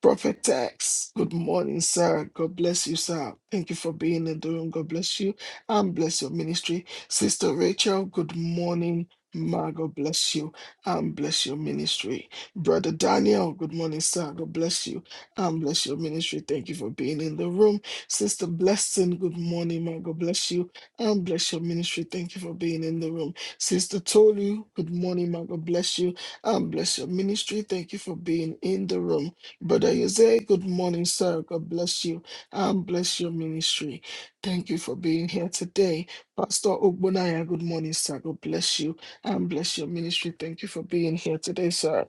S3: Prophet Tex, good morning, sir. God bless you, sir. Thank you for being in the room. God bless you and bless your ministry. Sister Rachel, good morning. Ma, God bless you and bless your ministry. Brother Daniel, good morning, sir. God bless you and bless your ministry. Thank you for being in the room. Sister Blessing, good morning, man. God bless you and bless your ministry. Thank you for being in the room. Sister Tolu, good morning, man. God bless you and bless your ministry. Thank you for being in the room. Brother Jose, good morning, sir. God bless you and bless your ministry. Thank you for being here today. Pastor Ogbonaya, good morning, sir. God bless you and bless your ministry. Thank you for being here today, sir.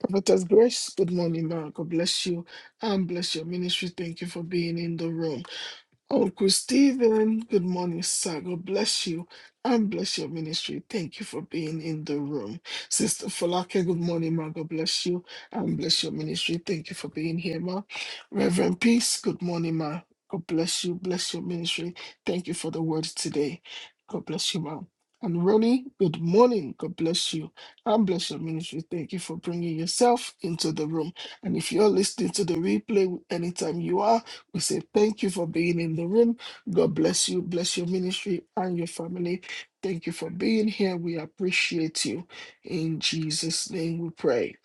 S3: Prophetess Grace, good morning, man. God bless you and bless your ministry. Thank you for being in the room. Uncle Stephen, good morning, sir. God bless you and bless your ministry. Thank you for being in the room. Sister Falake, good morning, ma. God bless you and bless your ministry. Thank you for being here, ma. Reverend Peace, good morning, ma. God bless you, bless your ministry. Thank you for the word today. God bless you, ma. And Ronnie, good morning. God bless you and bless your ministry. Thank you for bringing yourself into the room. And if you're listening to the replay anytime you are, we say thank you for being in the room. God bless you, bless your ministry and your family. Thank you for being here. We appreciate you. In Jesus' name we pray.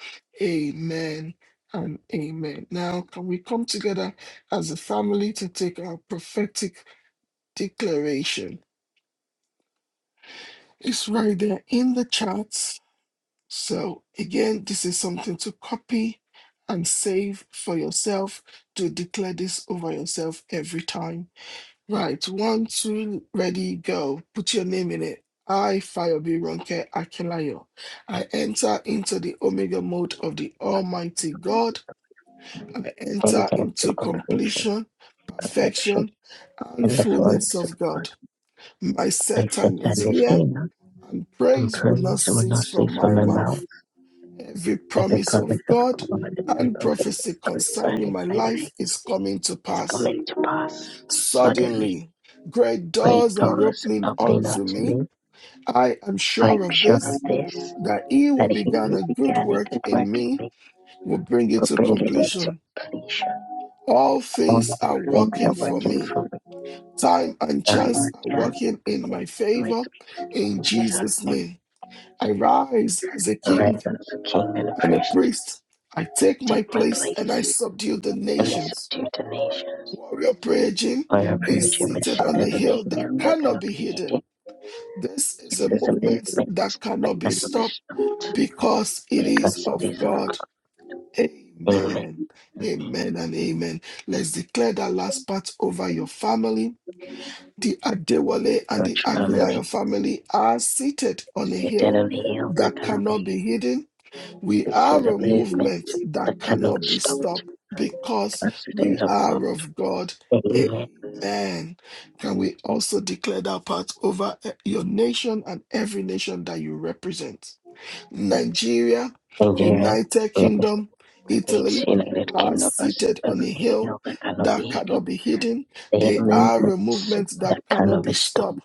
S3: Amen and amen. Now, can we come together as a family to take our prophetic declaration? It's right there in the charts. So, again, this is something to copy and save for yourself to declare this over yourself every time Right, one, two, ready, go. Put your name in it. I, Fayobi Ronke Akilayo. I enter into the Omega mode of the Almighty God. I enter
S2: anything to
S3: into
S2: unfeature
S3: completion,
S2: perfection
S3: perfection, and
S2: in the
S3: fullness
S2: fullness of
S3: of
S2: God.
S3: God. My
S2: I
S3: set
S2: accept
S3: time
S2: that
S3: is
S2: Miss
S3: here,
S2: Hannah
S3: and
S2: and
S3: praise will not
S2: praise will not
S3: cease from
S2: cease from
S3: my
S2: my mouth.
S3: mouth. Every
S2: Every
S3: promise
S2: promise
S3: of
S2: of
S3: God
S2: God and
S3: and prophecy
S2: prophecies
S3: concerning
S2: concerning
S3: my
S2: my
S3: life
S2: life
S3: is coming to
S2: is
S3: pass.
S2: coming to pass suddenly.
S3: Suddenly, great
S2: Great
S3: doors are
S2: doors
S3: opening
S2: opening up
S3: unto
S2: to
S3: me.
S2: me.
S3: I am sure
S2: I'm
S3: of
S2: sure of
S3: this,
S2: this,
S3: that he who
S2: that he
S3: began
S2: who
S3: a good
S2: began a
S3: work
S2: good work
S3: in
S2: in
S3: me
S2: me
S3: will bring it
S2: will
S3: to
S2: bring it into
S3: completion.
S2: completion.
S3: All
S2: All
S3: things are
S2: things are
S3: working for
S2: working
S3: me.
S2: for
S3: Time and chance
S2: Diamond
S3: are
S2: dance
S3: working in my
S2: with
S3: favor. In
S2: Jesus
S3: Jesus' name, I rise as a king
S2: arise as a king and a
S3: and a
S2: priest.
S3: priest. I take
S2: Take
S3: my
S2: my
S3: place
S2: place,
S3: and I subdue the
S2: and I
S3: nations.
S2: subdue the nations.
S3: Warrior Prayer Gym
S2: I
S3: is
S2: approach you with
S3: seated
S2: sin
S3: on a
S2: heavenly,
S3: hill
S2: you
S3: that
S2: are
S3: cannot
S2: gonna
S3: be hidden. This is
S2: This
S3: a
S2: is a
S3: movement that
S2: movement that
S3: cannot be
S2: cannot be
S3: stopped
S2: stopped
S3: because it is
S2: because of
S3: of God.
S2: being
S3: Amen. Amen and amen. Let's declare that last part over your family. The Adewale and
S2: your
S3: the
S2: family.
S3: Akilayo family are seated on a
S2: Sit
S3: hill
S2: heavenly, heal are
S3: that
S2: gonna
S3: cannot
S2: be
S3: be hidden we
S2: This is
S3: are
S2: a
S3: a
S2: movement
S3: movement that
S2: that cannot
S3: cannot
S2: be
S3: be
S2: stopped
S3: stopped because
S2: because it is
S3: we
S2: of God.
S3: are of God. Amen. Can we also declare that part over eh, your nation and every nation that you represent? Nigeria,
S2: Nigeria,
S3: United
S2: United
S3: Kingdom,
S2: States,
S3: Italy
S2: United
S3: are
S2: Kingdom, us,
S3: seated on a
S2: certainly you
S3: hill
S2: are gonna be
S3: that
S2: hated.
S3: cannot be hidden.
S2: their
S3: They are a
S2: movements,
S3: movement
S2: the
S3: that cannot be
S2: cornerstone,
S3: stopped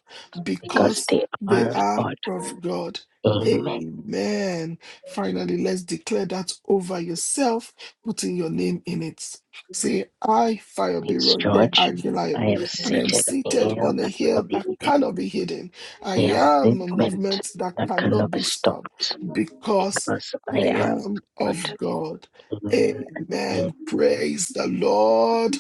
S2: because
S3: because
S2: they
S3: they
S2: are of
S3: are
S2: God.
S3: of God.
S2: Amen.
S3: Amen. Finally, let's declare that over yourself, putting your name in it. Say, I,
S2: Prince
S3: Fayobironke
S2: George,
S3: Akilayo,
S2: I am
S3: I am
S2: seated here,
S3: seated on a
S2: the
S3: hill that
S2: needed.
S3: cannot be hidden. I
S2: I am a
S3: am a
S2: movement,
S3: movement that
S2: that
S3: cannot
S2: cannot be
S3: be stopped
S2: stopped
S3: because
S2: because I
S3: I
S2: am
S3: am of
S2: God.
S3: God.
S2: Amen and
S3: Amen.
S2: amen.
S3: Praise the Lord.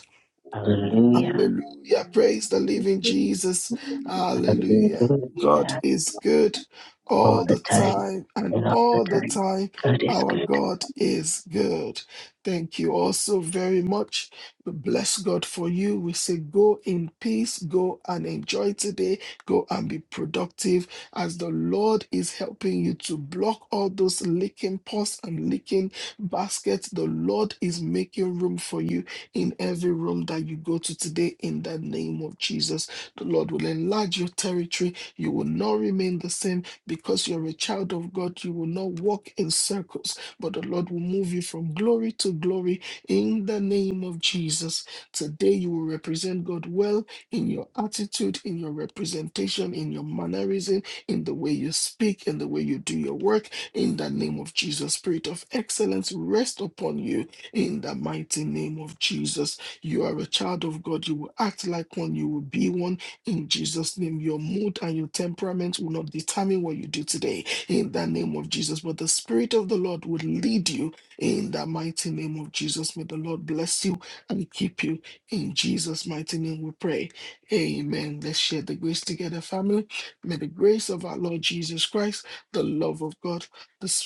S2: Hallelujah.
S3: Hallelujah. Praise the living Jesus. Hallelujah. God
S2: Hallelujah.
S3: is good all
S2: All the
S3: the
S2: time
S3: time, and
S2: and all the
S3: all the
S2: time.
S3: time,
S2: God is
S3: our
S2: good.
S3: God is good. Thank you also very much. We bless God for you. We say, go in peace, go and enjoy today, go and be productive as the Lord is helping you to block all those leaking pots and leaking baskets. The Lord is making room for you in every room that you go to today in the name of Jesus. The Lord will enlarge your territory. You will not remain the same because you're a child of God. You will not walk in circles, but the Lord will move you from glory to glory in the name of Jesus. Today, you will represent God well in your attitude, in your representation, in your mannerism, in the way you speak, in the way you do your work. In the name of Jesus, Spirit of excellence, rest upon you in the mighty name of Jesus. You are a child of God. You will act like one. You will be one in Jesus' name. Your mood and your temperament will not determine what you do today in the name of Jesus. But the Spirit of the Lord will lead you in the mighty name of Jesus. May the Lord bless you and keep you in Jesus' mighty name. We pray. Amen. Let's share the grace together, family. May the grace of our Lord Jesus Christ, the love of God, the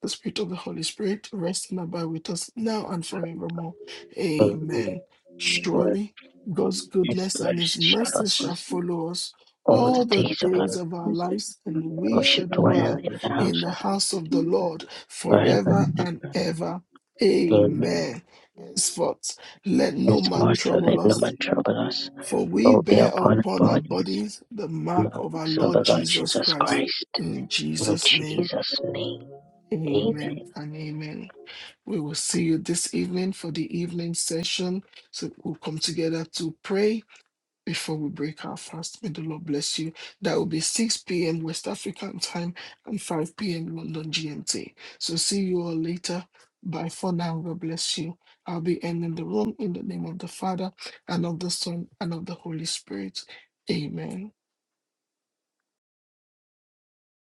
S3: the Spirit of the Holy Spirit rest and abide with us now and forevermore.
S2: For
S3: Amen.
S2: His word,
S3: Surely God's
S2: His
S3: goodness and
S2: mercy
S3: his
S2: shall
S3: mercy
S2: follow
S3: shall
S2: us
S3: follow us
S2: all the
S3: all the
S2: days of
S3: days
S2: our
S3: of our
S2: lives.
S3: lives, and we
S2: Worship
S3: shall
S2: the
S3: dwell
S2: in the
S3: in
S2: house
S3: the
S2: of also
S3: house of the Lord
S2: forever
S3: forever
S2: and
S3: and
S2: ever.
S3: ever.
S2: Amen.
S3: Amen. Henceforth, let
S2: His
S3: no man
S2: mercy
S3: trouble
S2: let no
S3: us,
S2: man trouble us.
S3: for we
S2: All be
S3: bear
S2: upon our
S3: upon our
S2: bodies.
S3: bodies the mark
S2: Love
S3: of our
S2: of
S3: Lord
S2: the Lord
S3: Jesus
S2: Jesus
S3: Christ.
S2: Christ.
S3: In
S2: In
S3: Jesus' name.
S2: Jesus' name. Amen.
S3: Amen and amen. We will see you this evening for the evening session. So we'll come together to pray before we break our fast. May the Lord bless you. That will be 6 p.m. West African time and 5 p.m. London GMT. So see you all later. Bye for now. God bless you. I'll be ending the room in the name of the Father and of the Son and of the Holy Spirit. Amen.